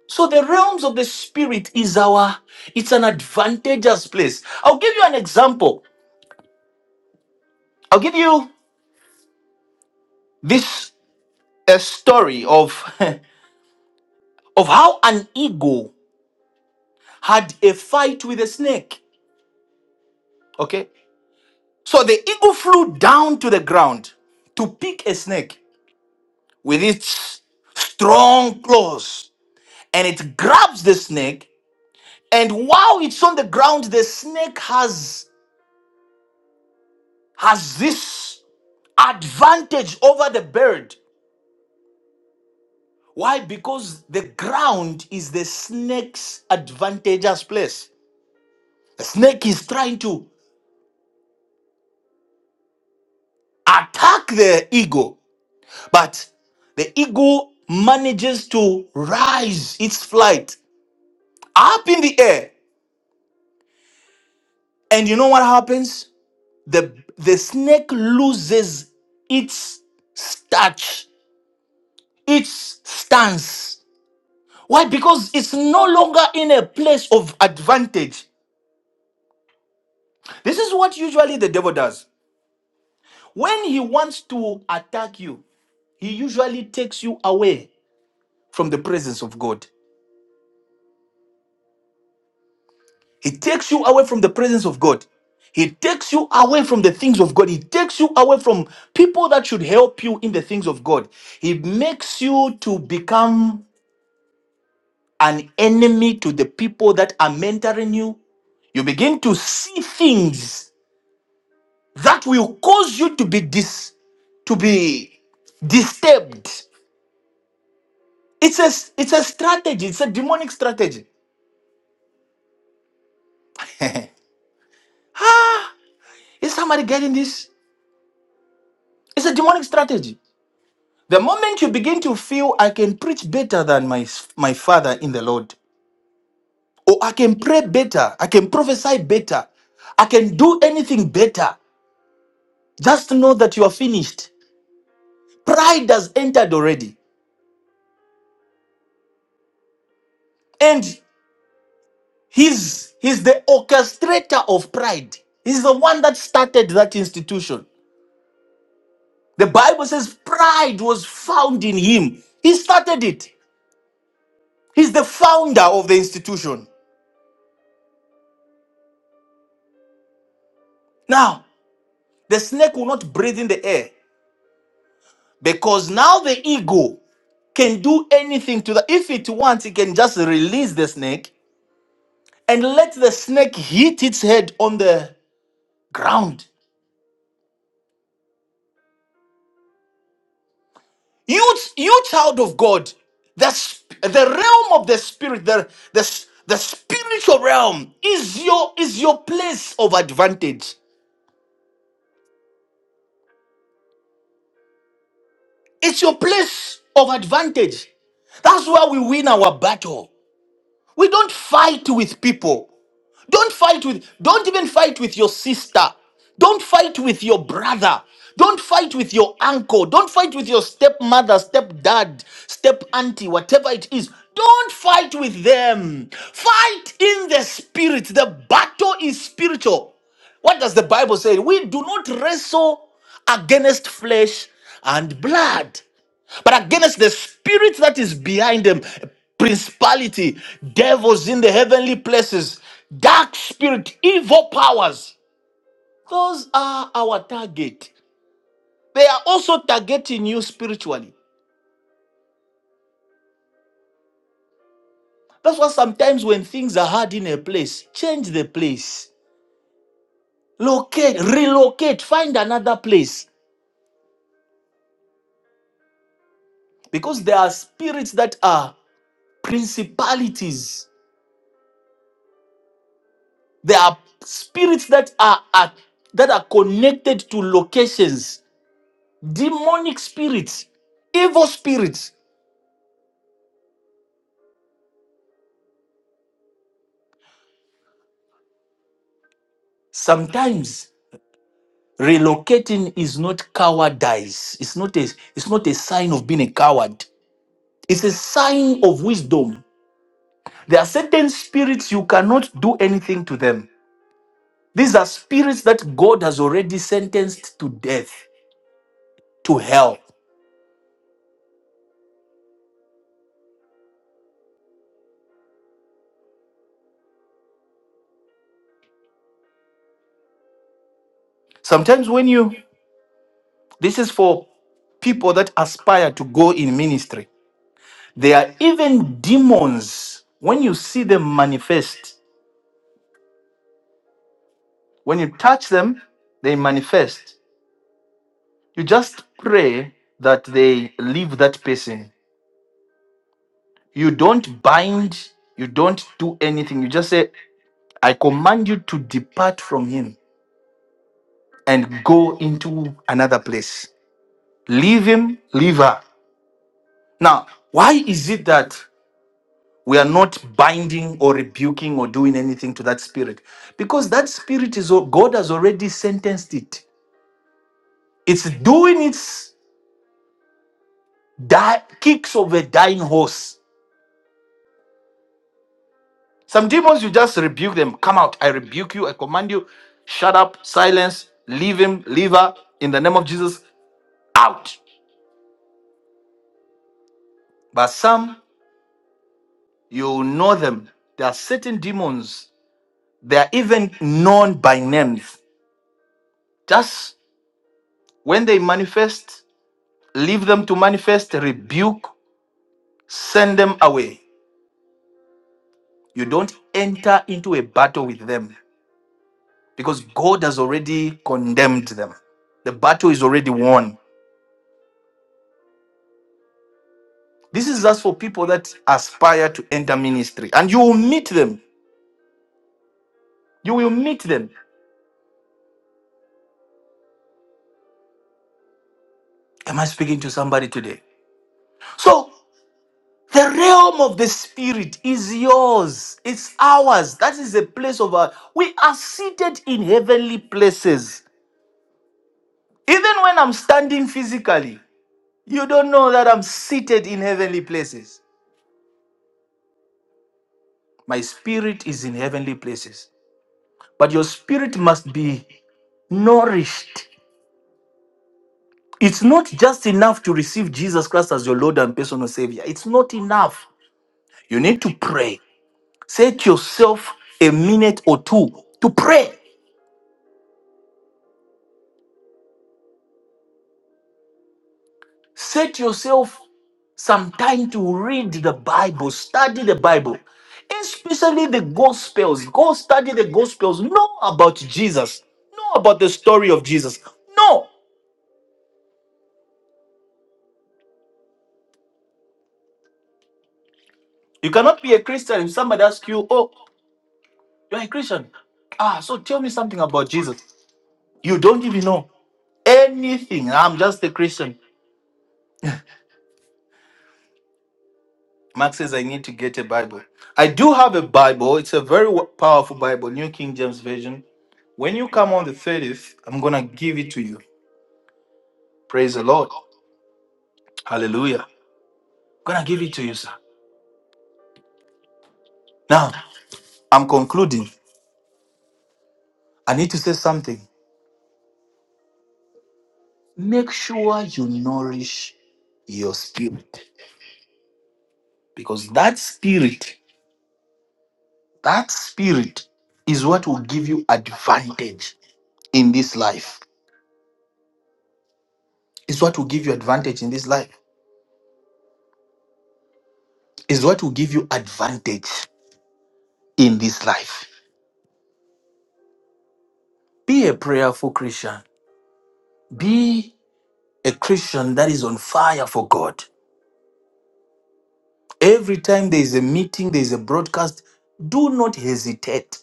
[SPEAKER 1] So the realms of the spirit is our it's an advantageous place. I'll give you an example. I'll give you this a story of of how an eagle had a fight with a snake. Okay? So the eagle flew down to the ground to pick a snake with its strong claws and it grabs the snake and while it's on the ground the snake has has this advantage over the bird Why? Because the ground is the snake's advantageous place. The snake is trying to attack the eagle, but the eagle manages to rise its flight up in the air. And you know what happens? The, the snake loses its starch, its stance. Why? Because it's no longer in a place of advantage. This is what usually the devil does. When he wants to attack you, he usually takes you away from the presence of God. He takes you away from the presence of God. He takes you away from the things of God. He takes you away from people that should help you in the things of God. He makes you to become an enemy to the people that are mentoring you. You begin to see things that will cause you to be dis to be disturbed It's a it's a strategy. It's a demonic strategy. ah, is somebody getting this? It's a demonic strategy. The moment you begin to feel I can preach better than my my father in the Lord, or I can pray better, I can prophesy better, I can do anything better, just know that you are finished. Pride has entered already, and he's he's the orchestrator of pride. He's the one that started that institution. The Bible says pride was found in him. He started it. He's the founder of the institution. Now, the snake will not breathe in the air because now the ego can do anything to the. If it wants, it can just release the snake and let the snake hit its head on the ground. You, you child of God, the, sp- the realm of the spirit, the, the, s- the spiritual realm is your, is your place of advantage. It's your place of advantage. That's where we win our battle. We don't fight with people. Don't fight with, don't even fight with your sister. Don't fight with your brother. Don't fight with your uncle. Don't fight with your stepmother, stepdad, step auntie, whatever it is. Don't fight with them. Fight in the spirit. The battle is spiritual. What does the Bible say? We do not wrestle against flesh and blood but against the spirit that is behind them principality devils in the heavenly places dark spirit evil powers those are our target they are also targeting you spiritually that's why sometimes when things are hard in a place change the place locate relocate find another place because there are spirits that are principalities there are spirits that are, are that are connected to locations demonic spirits, evil spirits. Sometimes relocating is not cowardice. It's not a it's not a sign of being a coward. It's a sign of wisdom. There are certain spirits you cannot do anything to them. These are spirits that God has already sentenced to death, to hell. Sometimes when you this is for people that aspire to go in ministry. There are even demons when you see them manifest. When you touch them, they manifest. You just pray that they leave that person. You don't bind, you don't do anything. You just say, I command you to depart from him and go into another place. Leave him, leave her. Now, why is it that we are not binding or rebuking or doing anything to that spirit? Because that spirit is, God has already sentenced it. It's doing its di- kicks of a dying horse. Some demons, you just rebuke them. Come out. I rebuke you. I command you. Shut up. Silence. Leave him. Leave her. In the name of Jesus. Out. But some, you know them. There are certain demons. They are even known by names. Just when they manifest, leave them to manifest, rebuke, send them away. You don't enter into a battle with them because God has already condemned them. The battle is already won. This is just for people that aspire to enter ministry, and you will meet them. You will meet them. Am I speaking to somebody today? So, the realm of the spirit is yours, it's ours. That is a place of our. We are seated in heavenly places. Even when I'm standing physically, you don't know that I'm seated in heavenly places. My spirit is in heavenly places. But your spirit must be nourished It's not just enough to receive Jesus Christ as your Lord and personal Savior. It's not enough. You need to pray. Set yourself a minute or two to pray. Set yourself some time to read the Bible, study the Bible, especially the Gospels. Go study the Gospels. Know about Jesus. Know about the story of Jesus. No, you cannot be a Christian if somebody asks you, "Oh, you're a Christian." Ah, so tell me something about Jesus. You don't even know anything. I'm just a Christian. Mark says, I need to get a Bible. I do have a Bible. It's a very w- powerful Bible, New King James Version. When you come on the 30th, I'm going to give it to you. Praise the Lord. Hallelujah. I'm going to give it to you, sir. Now, I'm concluding. I need to say something. Make sure you nourish your spirit because that spirit, that spirit is what will give you advantage in this life. It's what will give you advantage in this life. It's what will give you advantage in this life. Be a prayerful Christian. Be a Christian that is on fire for God. Every time there is a meeting, there is a broadcast, do not hesitate.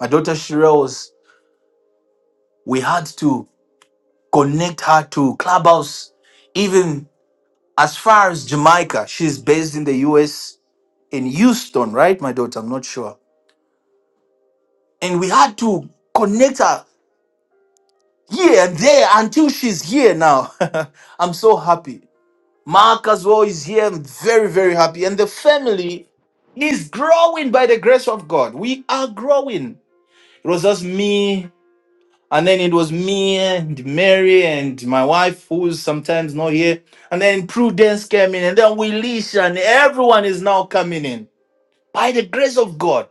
[SPEAKER 1] My daughter Shira was, we had to connect her to Clubhouse, even as far as Jamaica. She's based in the US, in Houston, right, my daughter? I'm not sure. And we had to connect her. here and there until she's here now. I'm so happy. Mark as well is here. I'm very, very happy. And the family is growing by the grace of God. We are growing. It was just me, and then it was me and Mary and my wife, who's sometimes not here. And then Prudence came in, and then Willisha, and everyone is now coming in by the grace of God.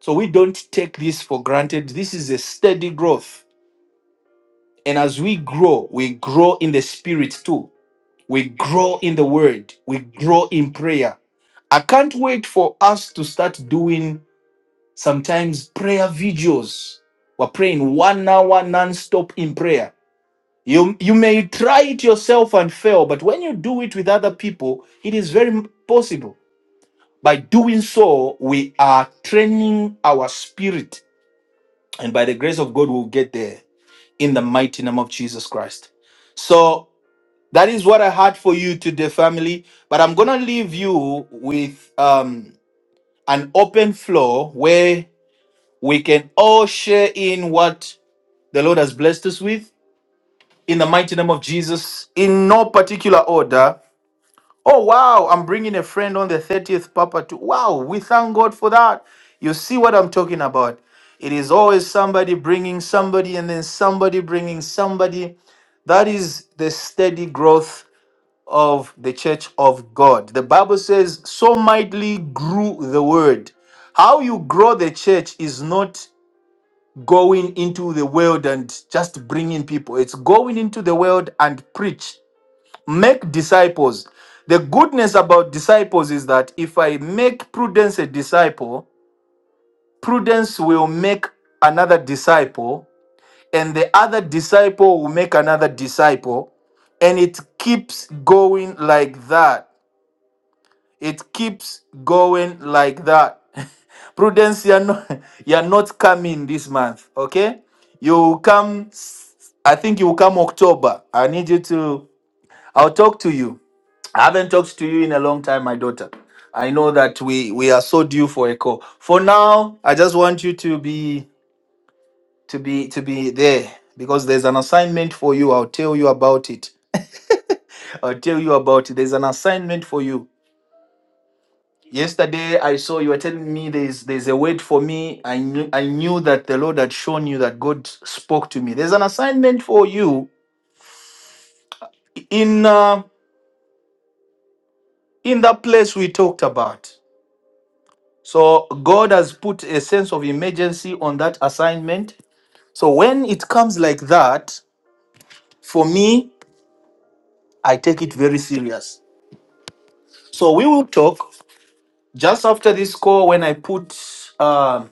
[SPEAKER 1] So we don't take this for granted. This is a steady growth And as we grow, we grow in the spirit too. We grow in the word. We grow in prayer. I can't wait for us to start doing sometimes prayer videos. We're praying one hour non-stop in prayer. You you may try it yourself and fail, but when you do it with other people, it is very m- possible. By doing so, we are training our spirit. And by the grace of God, we'll get there in the mighty name of Jesus Christ. So That is what I had for you today, family. But I'm gonna leave you with um, an open floor where we can all share in what the Lord has blessed us with in the mighty name of Jesus, in no particular order. Oh wow, I'm bringing a friend on the 30th, Papa. too. wow, we thank God for that. You see what I'm talking about? It is always somebody bringing somebody, and then somebody bringing somebody. That is the steady growth of the church of God. The Bible says, so mightily grew the word. How you grow the church is not going into the world and just bringing people, it's going into the world and preach, make disciples. The goodness about disciples is that if I make prudence a disciple, prudence will make another disciple, and the other disciple will make another disciple, and it keeps going like that It keeps going like that. Prudence, you're not, you're not coming this month, okay? You will come, s- I think you will come October. I need you to, I'll talk to you. I haven't talked to you in a long time, my daughter. I know that we we are so due for a call. For now, I just want you to be to be to be there because there's an assignment for you. I'll tell you about it. I'll tell you about it. There's an assignment for you. Yesterday, I saw you were telling me there's there's a word for me. I knew I knew that the Lord had shown you that God spoke to me. There's an assignment for you in uh, in that place we talked about. So God has put a sense of emergency on that assignment. So when it comes like that, for me, I take it very serious. So we will talk just after this call when I put. um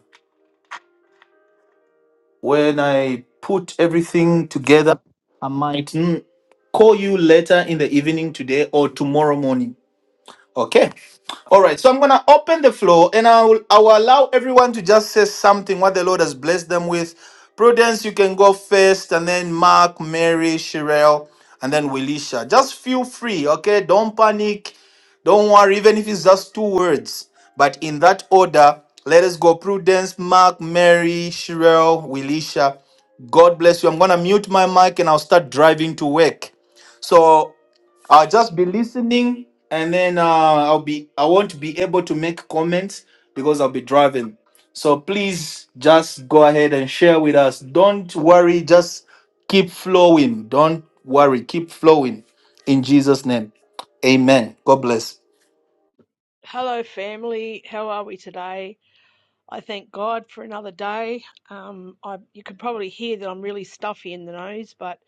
[SPEAKER 1] when I put everything together, I might mm, call you later in the evening today or tomorrow morning. Okay. All right. So I'm going to open the floor and I will, I will allow everyone to just say something what the Lord has blessed them with. Prudence, you can go first, and then Mark, Mary, Sherelle, and then Willisha. Just feel free, okay? Don't panic. Don't worry, even if it's just two words. But in that order, let us go Prudence, Mark, Mary, Sherelle, Willisha. God bless you. I'm going to mute my mic and I'll start driving to work. So I'll just be listening, and then uh, I'll be I won't be able to make comments because I'll be driving. So please just go ahead and share with us. Don't worry, just keep flowing. Don't worry, keep flowing. In Jesus' name, Amen. God bless.
[SPEAKER 2] Hello, family. How are we today? I thank God for another day. Um, I, you can probably hear that I'm really stuffy in the nose, but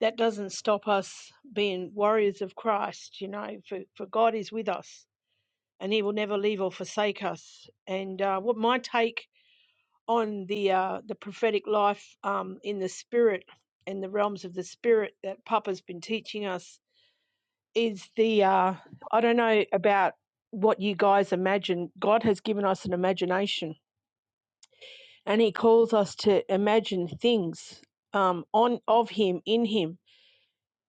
[SPEAKER 2] that doesn't stop us being warriors of Christ, you know, for, for God is with us and he will never leave or forsake us. And uh, what my take on the, uh, the prophetic life um, in the spirit and the realms of the spirit that Papa's been teaching us is the uh, I don't know about what you guys imagine. God has given us an imagination, and He calls us to imagine things um, on of Him in Him.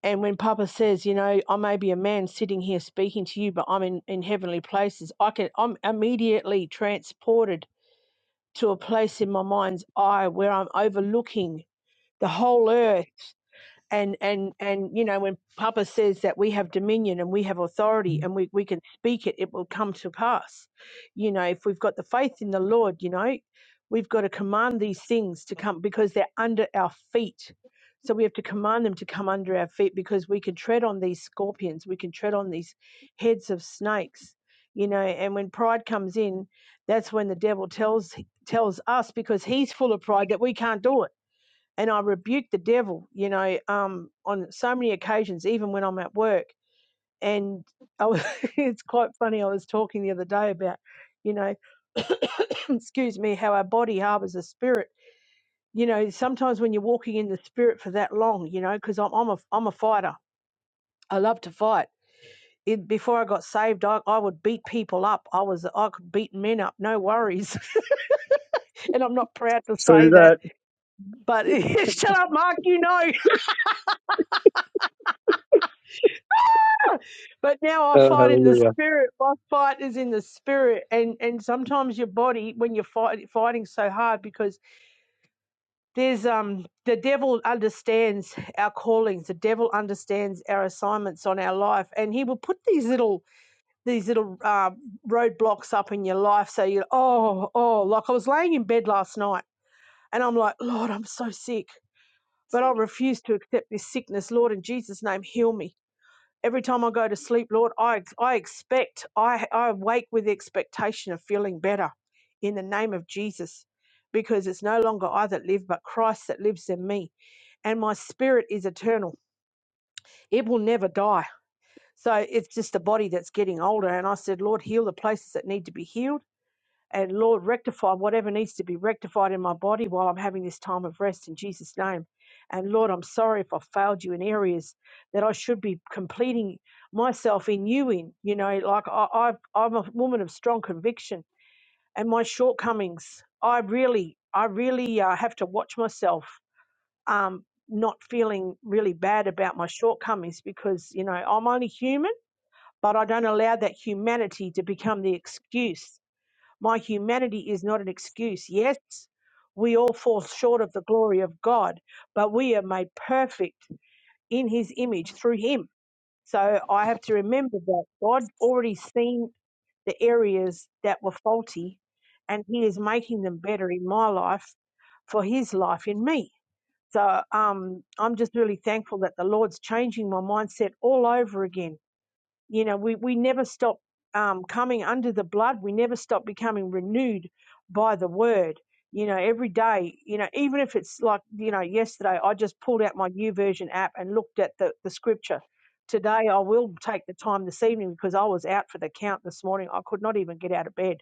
[SPEAKER 2] And when Papa says, you know, I may be a man sitting here speaking to you, but I'm in, in heavenly places, I can I'm immediately transported to a place in my mind's eye where I'm overlooking the whole earth and and and you know when papa says that we have dominion and we have authority and we, we can speak it it will come to pass you know if we've got the faith in the lord you know we've got to command these things to come because they're under our feet so we have to command them to come under our feet because we can tread on these scorpions we can tread on these heads of snakes you know and when pride comes in that's when the devil tells tells us because he's full of pride that we can't do it and I rebuke the devil, you know, um, on so many occasions, even when I'm at work. And I was, it's quite funny. I was talking the other day about, you know, excuse me, how our body harbors a spirit. You know, sometimes when you're walking in the spirit for that long, you know, because I'm, I'm a I'm a fighter. I love to fight. It, before I got saved, I, I would beat people up. I was I could beat men up, no worries. and I'm not proud to
[SPEAKER 3] Through
[SPEAKER 2] say that,
[SPEAKER 3] that,
[SPEAKER 2] but shut up, Mark. You know. But now I
[SPEAKER 3] uh,
[SPEAKER 2] fight in the
[SPEAKER 3] hallelujah.
[SPEAKER 2] spirit. My fight is in the spirit, and and sometimes your body when you're fight, fighting so hard because there's um the devil understands our callings. The devil understands our assignments on our life, and he will put these little these little uh, roadblocks up in your life. So you oh oh like I was laying in bed last night, and I'm like Lord, I'm so sick. But I refuse to accept this sickness. Lord, in Jesus' name, heal me Every time I go to sleep, Lord, I, I expect, I, I wake with the expectation of feeling better in the name of Jesus. Because it's no longer I that live, but Christ that lives in me. And my spirit is eternal. It will never die. So it's just the body that's getting older. And I said, Lord, heal the places that need to be healed and Lord, rectify whatever needs to be rectified in my body while I'm having this time of rest in Jesus' name. And Lord, I'm sorry if I failed you in areas that I should be completing myself in you in. You know, like I, I, I'm a woman of strong conviction and my shortcomings. I really, I really uh, have to watch myself um, not feeling really bad about my shortcomings because, you know, I'm only human, but I don't allow that humanity to become the excuse my humanity is not an excuse. Yes, we all fall short of the glory of God, but we are made perfect in His image through Him. So I have to remember that God already seen the areas that were faulty, and He is making them better in my life for His life in me. So um, I'm just really thankful that the Lord's changing my mindset all over again you know we, we never stop um, coming under the blood we never stop becoming renewed by the word you know every day you know even if it's like you know yesterday i just pulled out my new version app and looked at the, the scripture today i will take the time this evening because i was out for the count this morning i could not even get out of bed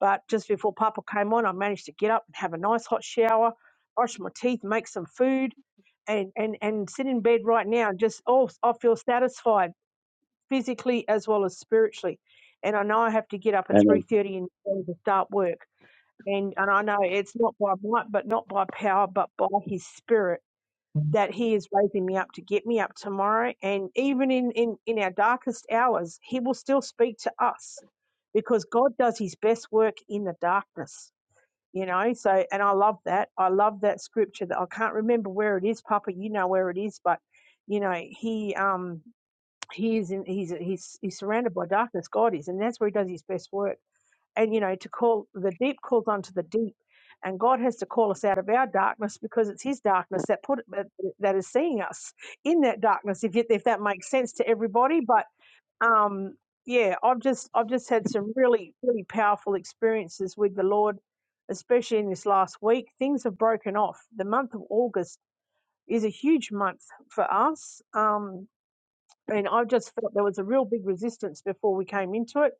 [SPEAKER 2] but just before papa came on i managed to get up and have a nice hot shower brush my teeth make some food and and and sit in bed right now and just oh i feel satisfied physically as well as spiritually. And I know I have to get up at three
[SPEAKER 3] Amen.
[SPEAKER 2] thirty in the morning to start work. And and I know it's not by might, but not by power, but by His Spirit that He is raising me up to get me up tomorrow. And even in in in our darkest hours, He will still speak to us, because God does His best work in the darkness. You know, so and I love that. I love that scripture that I can't remember where it is, Papa. You know where it is, but you know, he um he is in he's he's he's surrounded by darkness god is and that's where he does his best work and you know to call the deep calls onto the deep and god has to call us out of our darkness because it's his darkness that put that, that is seeing us in that darkness if you, if that makes sense to everybody but um yeah i've just i've just had some really really powerful experiences with the lord especially in this last week things have broken off the month of august is a huge month for us um and I just felt there was a real big resistance before we came into it,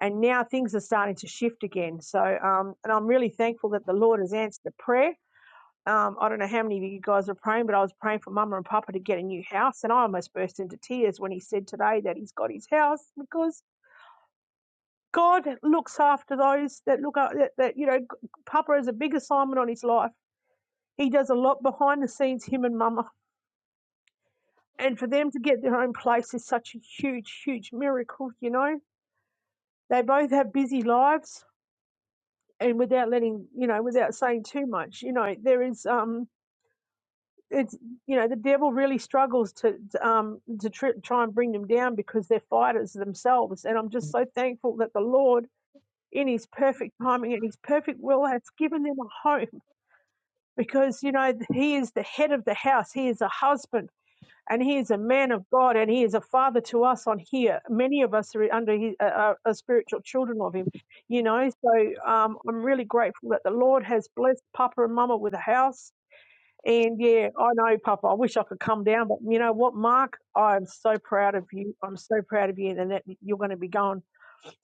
[SPEAKER 2] and now things are starting to shift again. So, um, and I'm really thankful that the Lord has answered the prayer. Um, I don't know how many of you guys are praying, but I was praying for Mama and Papa to get a new house, and I almost burst into tears when he said today that he's got his house because God looks after those that look up. That, that you know, Papa has a big assignment on his life. He does a lot behind the scenes, him and Mama, and for them to get their own place is such a huge, huge miracle, you know They both have busy lives, and without letting you know, without saying too much, you know, there is um, it's you know, the devil really struggles to to, um to tr- try and bring them down because they're fighters themselves. And I'm just so thankful that the Lord, in His perfect timing and His perfect will, has given them a home because you know He is the head of the house. He is a husband and he is a man of God, and he is a father to us on here. Many of us are under his, uh, are, are spiritual children of him, you know. So um, I'm really grateful that the Lord has blessed Papa and Mama with a house. And yeah, I know, Papa. I wish I could come down, but you know what, Mark? I'm so proud of you. I'm so proud of you, and that you're going to be going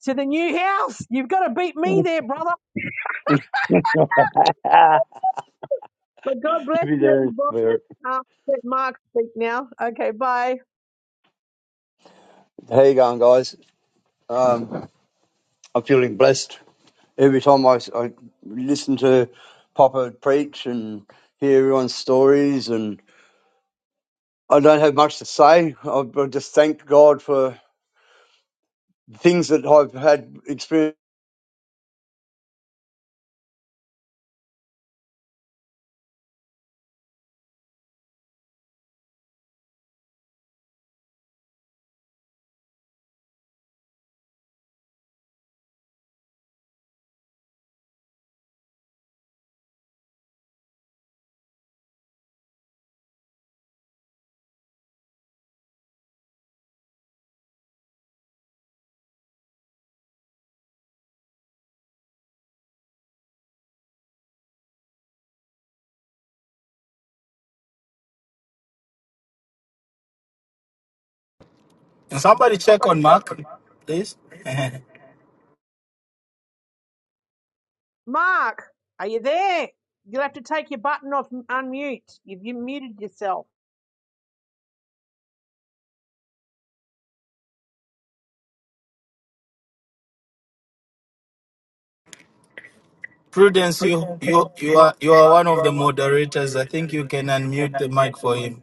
[SPEAKER 2] to the new house. You've got to beat me there, brother.
[SPEAKER 3] Ah,
[SPEAKER 2] But God bless
[SPEAKER 3] you be
[SPEAKER 2] you,
[SPEAKER 3] there in
[SPEAKER 2] everybody.
[SPEAKER 3] spirit.
[SPEAKER 2] Uh, let Mark speak now. Okay, bye.
[SPEAKER 3] How you going, guys? Um, I'm feeling blessed. Every time I, I listen to Papa preach and hear everyone's stories, and I don't have much to say. I, I just thank God for things that I've had experience.
[SPEAKER 1] Can somebody check on my this?
[SPEAKER 2] Mark, are you there? You'll have to take your button off m- unmute. You've you muted yourself.
[SPEAKER 1] Prudence, you you you are you are one of the moderators. I think you can unmute the mic for him.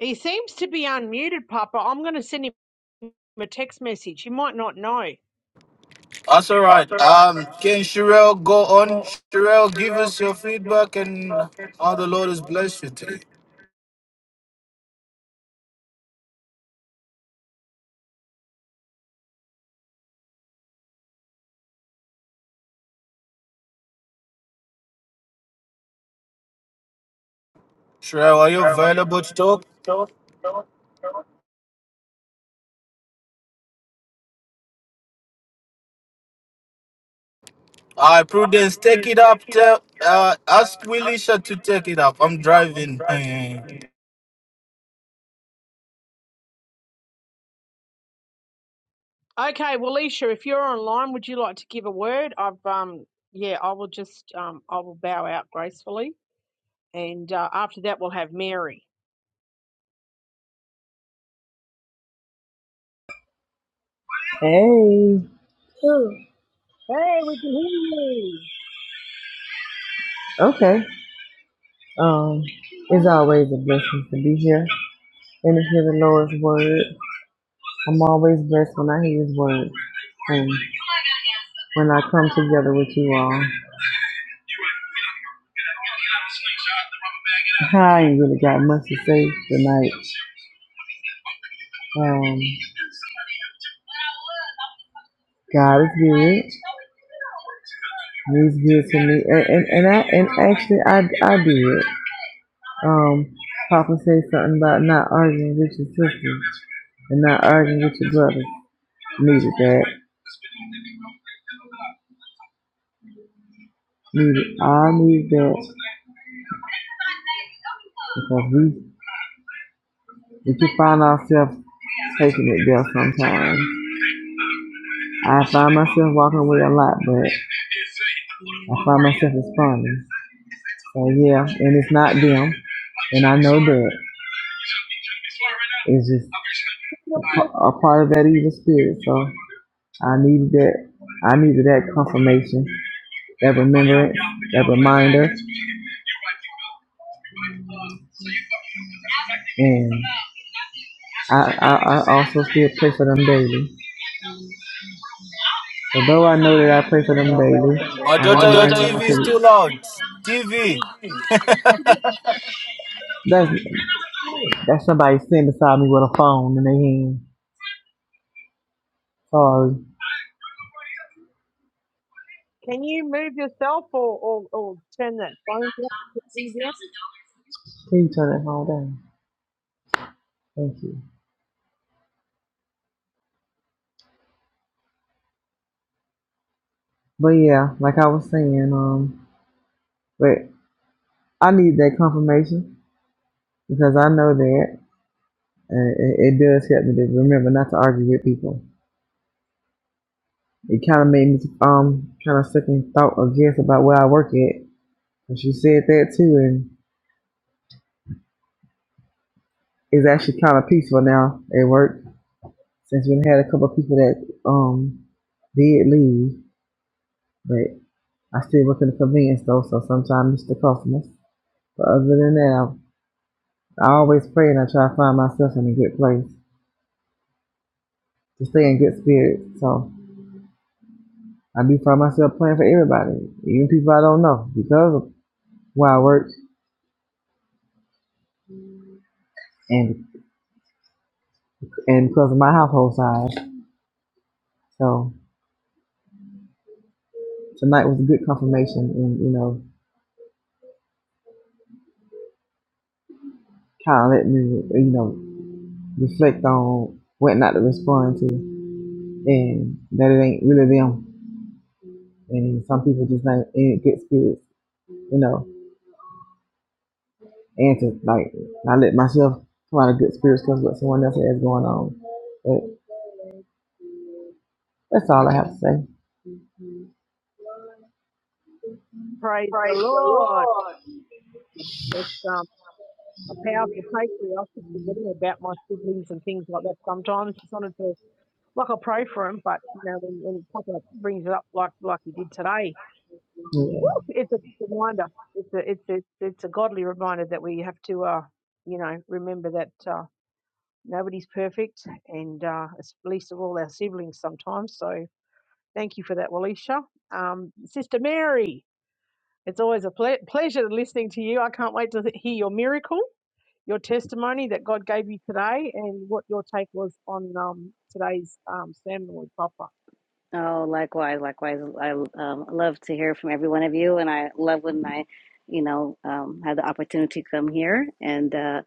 [SPEAKER 2] He seems to be unmuted, Papa. I'm going to send him a text message. He might not know.
[SPEAKER 1] That's all right. Um, can Sherelle go on? Sherelle, give us your feedback and how the Lord has blessed you today. Sherelle, are you available to talk? All right, Prudence, take it up. Tell, uh, ask Willisha to take it up. I'm driving. Eh.
[SPEAKER 2] Okay, well, Isha, if you're online, would you like to give a word? I've um, yeah, I will just um, I will bow out gracefully, and uh, after that, we'll have Mary.
[SPEAKER 4] Hey. Who?
[SPEAKER 2] Hey, we can hear you.
[SPEAKER 4] Okay. Um, it's always a blessing to be here and to hear the Lord's word. I'm always blessed when I hear His word and when I come together with you all. I ain't really got much to say tonight. Um, God is good. He's good to me, and and, and I and actually I I did. Um, Papa said something about not arguing with your sisters and not arguing with your brothers. Needed that. Needed. I needed that. because we if you find ourselves taking it there sometimes. I find myself walking away a lot, but I find myself responding. So yeah, and it's not them, and I know that it's just a a part of that evil spirit. So I needed that. I needed that confirmation, that remembrance, that reminder, and I, I, I also still pray for them daily. So though I know that I pray for them daily,
[SPEAKER 1] My
[SPEAKER 4] and I'm
[SPEAKER 1] daughter, your
[SPEAKER 4] learning daughter, how
[SPEAKER 1] TV is
[SPEAKER 4] to.
[SPEAKER 1] too loud. TV.
[SPEAKER 4] That's That's somebody sitting beside me with a phone in their hand. Sorry.
[SPEAKER 2] Can you move yourself or or, or turn that phone down?
[SPEAKER 4] Can you turn that phone down? Thank you. But yeah, like I was saying, um, but I need that confirmation because I know that and it, it does help me to remember not to argue with people. It kind of made me um kind of second thought or guess about where I work at. And she said that too, and it's actually kind of peaceful now at work since we had a couple of people that um did leave. but. I still work in the convenience store, so sometimes I miss the customers. But other than that, I, I always pray and I try to find myself in a good place to stay in good spirits. So I do find myself praying for everybody, even people I don't know, because of where I work and and because of my household size. So tonight was a good confirmation, and you know, kind of let me you know reflect on what not to respond to, and that it ain't really them, and some people just ain't in good spirits, you know. and to like not let myself come out of good spirits because what someone else has going on. But that's all I have to say.
[SPEAKER 2] Praise the Lord. Let's um, a powerful take there. I keep forgetting about my siblings and things like that sometimes. It's wanted to, like, I pray for them, but, you know, when, when Papa brings it up like like he did today,
[SPEAKER 4] Yeah.
[SPEAKER 2] woo, it's a reminder. It's a, it's, a, it's a godly reminder that we have to, uh, you know, remember that uh, nobody's perfect and uh, least of all our siblings sometimes. So thank you for that, Walisha. Um, Sister Mary, it's always a ple- pleasure listening to you. I can't wait to hear your miracle. your testimony that God gave you today and what your take was on um, today's um, sermon with Papa.
[SPEAKER 5] Oh, likewise, likewise. I um, love to hear from every one of you, and I love when I, you know, um, have the opportunity to come here. And uh,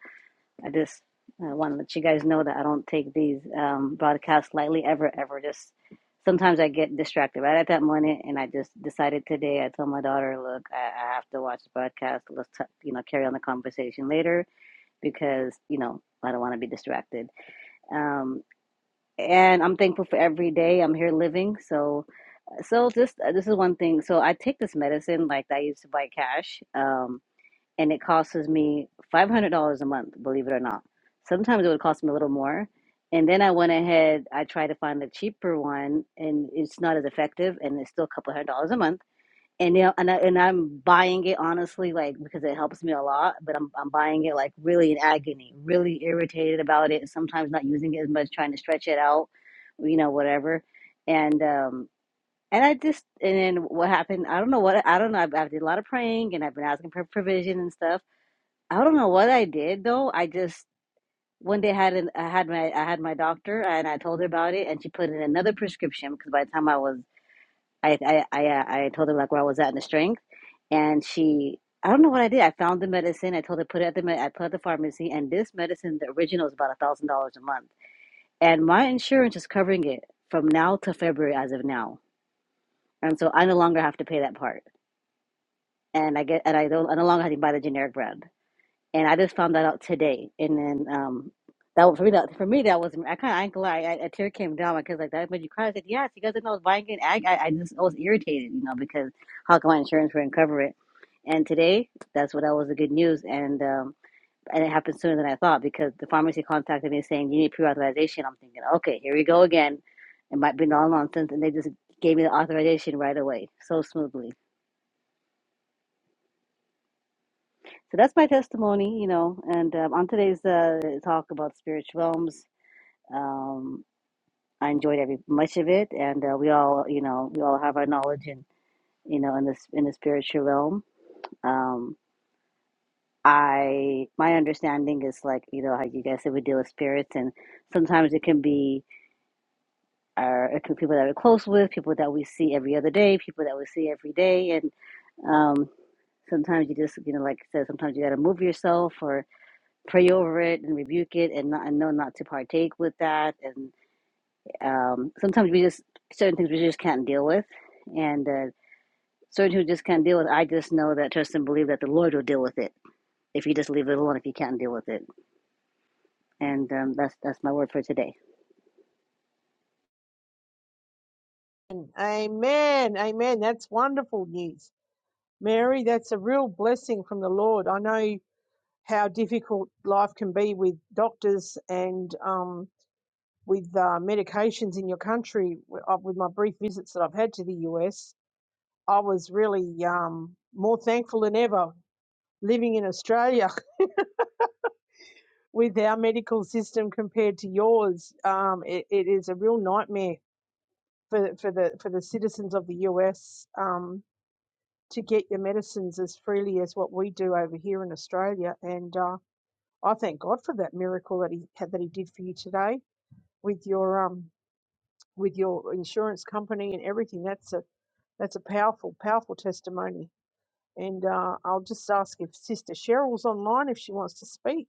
[SPEAKER 5] I just uh, want to let you guys know that I don't take these um, broadcasts lightly, ever, ever. Just sometimes I get distracted right at that moment, and I just decided today. I told my daughter, "Look, I, I have to watch the broadcast. Let's, t- you know, carry on the conversation later because, you know, I don't want to be distracted." Um, and I'm thankful for every day I'm here living. So so this uh, this is one thing. So I take this medicine like I used to buy cash, um, and it costs me five hundred dollars a month. Believe it or not, sometimes it would cost me a little more. And then I went ahead. I tried to find a cheaper one, and it's not as effective, and it's still a couple hundred dollars a month. And you know, and I, and I'm buying it honestly, like because it helps me a lot. But I'm I'm buying it like really in agony, really irritated about it. Sometimes not using it as much, trying to stretch it out, you know, whatever and um and I just, and then what happened? I don't know what, I don't know. I've, I did a lot of praying and I've been asking for provision and stuff. I don't know what I did though. I just, one day I had an, I had my, I had my doctor and I told her about it and she put in another prescription because by the time I was, I, I, I, uh, I told her like where I was at in the strength and she, I don't know what I did. I found the medicine. I told her put it at the med, I put it at the pharmacy and this medicine, the original is about a thousand dollars a month and my insurance is covering it from now to February as of now. And so I no longer have to pay that part. and I get and I don't I no longer have to buy the generic brand. And I just found that out today. And then um that was for me that for me that was I kinda I ain't gonna lie, I, a tear came down because like that made you cry. I said, Yes, you guys didn't know I was buying it. I, I I just I was irritated, you know, because how come my insurance wouldn't cover it? And today that's what that was the good news and um and it happened sooner than I thought because the pharmacy contacted me saying you need pre authorization. I'm thinking, okay, here we go again. It might be all nonsense and they just gave me the authorization right away, so smoothly. So that's my testimony, you know. And um, on today's uh, talk about spiritual realms, um, I enjoyed every much of it, and uh, we all, you know, we all have our knowledge in, you know, in this in the spiritual realm. Um, I my understanding is like you know how you guys said we deal with spirits, and sometimes it can be our it can be people that we're close with, people that we see every other day, people that we see every day, and um, sometimes you just you know like I said, sometimes you got to move yourself or. pray over it and rebuke it and, not, and know not to partake with that and um, sometimes we just certain things we just can't deal with and uh, certain who just can't deal with i just know that trust and believe that the lord will deal with it if you just leave it alone if you can't deal with it and um, that's that's my word for today
[SPEAKER 2] Amen. Amen. That's wonderful news. Mary, that's a real blessing from the Lord. I know how difficult life can be with doctors and um, with uh, medications in your country. With uh, my brief visits that I've had to the US, I was really um, more thankful than ever living in Australia with our medical system compared to yours, um, it, it is a real nightmare for for the for the citizens of the US um, to get your medicines as freely as what we do over here in Australia. And uh, I thank God for that miracle that he that he did for you today with your um with your insurance company and everything. That's a that's a powerful powerful testimony. And uh, I'll just ask if Sister Cheryl's online if she wants to speak.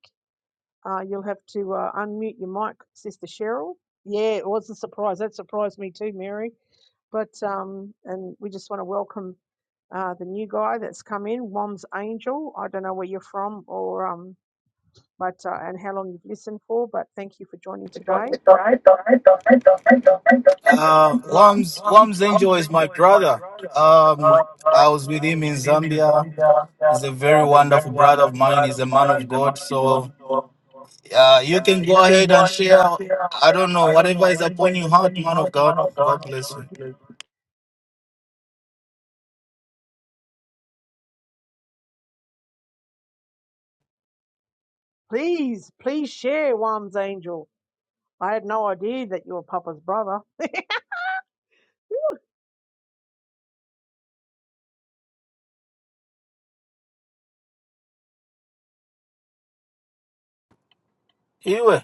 [SPEAKER 2] Uh, you'll have to uh, unmute your mic, Sister Cheryl. Yeah, it was a surprise. That surprised me too, Mary. But um, and we just want to welcome uh, the new guy that's come in, Mom's Angel. I don't know where you're from or um, but uh, and how long you've listened for. But thank you for joining
[SPEAKER 1] Uh,
[SPEAKER 2] today.
[SPEAKER 1] Lums Wams Angel is my brother. Um, I was with him in Zambia. He's a very wonderful brother of mine. He's a man of God. So uh, you can go ahead and share. I don't know, whatever is upon your heart, man of God. God bless you.
[SPEAKER 2] Please, please share Wam's Angel. I had no idea that you were Papa's brother.
[SPEAKER 1] Anyway,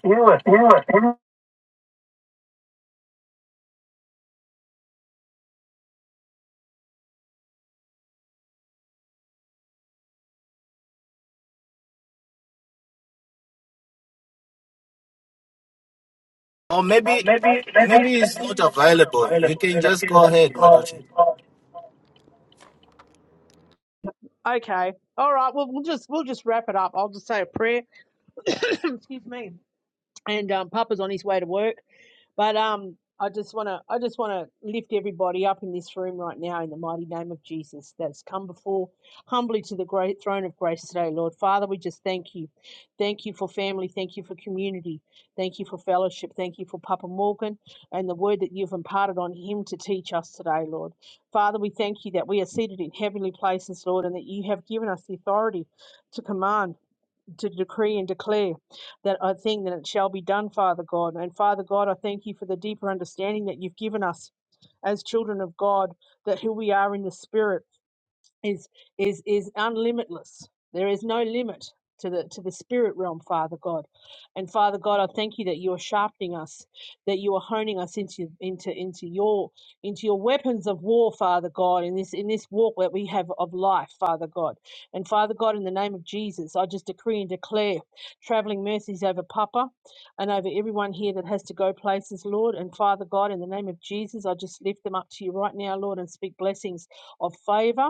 [SPEAKER 1] or maybe maybe it's not available. You can just go ahead, Brother
[SPEAKER 2] Okay. All right. Well, we'll just we'll just wrap it up. I'll just say a prayer. Excuse me. And um, Papa's on his way to work. But um, I just want to I just want to lift everybody up in this room right now in the mighty name of Jesus that's come before humbly to the great throne of grace today, Lord Father. We just thank you, thank you for family, thank you for community, thank you for fellowship, thank you for Papa Morgan and the word that you've imparted on him to teach us today, Lord Father. We thank you that we are seated in heavenly places, Lord, and that you have given us the authority to command to decree and declare that I think that it shall be done, Father God. And Father God, I thank you for the deeper understanding that you've given us as children of God, that who we are in the Spirit is is is unlimitless. There is no limit to the to the spirit realm, Father God. And Father God, I thank you that you are sharpening us, that you are honing us into into into your into your weapons of war, Father God, in this in this walk that we have of life, Father God. And Father God, in the name of Jesus, I just decree and declare traveling mercies over Papa and over everyone here that has to go places, Lord. And Father God, in the name of Jesus, I just lift them up to you right now, Lord, and speak blessings of favor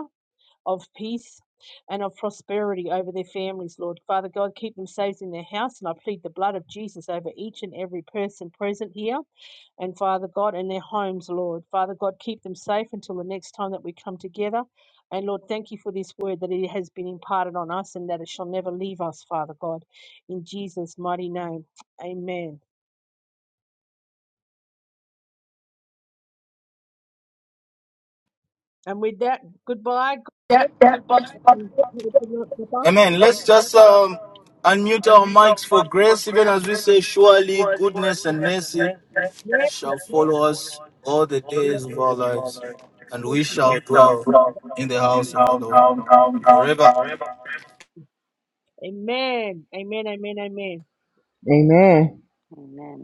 [SPEAKER 2] of peace and of prosperity over their families, Lord. Father God, keep them safe in their house, and I plead the blood of Jesus over each and every person present here and Father God, and their homes, Lord. Father God, keep them safe until the next time that we come together. And Lord, thank you for this word that it has been imparted on us and that it shall never leave us, Father God. In Jesus' mighty name, amen. And with that, goodbye. God bless, and Have a good night, Papa.
[SPEAKER 1] Amen. Let's just um, unmute our mics for grace, even as we say, Surely goodness and mercy
[SPEAKER 2] Yeah,
[SPEAKER 1] shall follow us all the
[SPEAKER 2] yeah,
[SPEAKER 1] days of our lives, and
[SPEAKER 2] thank
[SPEAKER 1] we
[SPEAKER 2] you,
[SPEAKER 1] shall
[SPEAKER 2] Papa.
[SPEAKER 1] dwell in the house of the Lord forever.
[SPEAKER 2] Amen. Amen. Amen. Amen.
[SPEAKER 4] Amen.
[SPEAKER 5] amen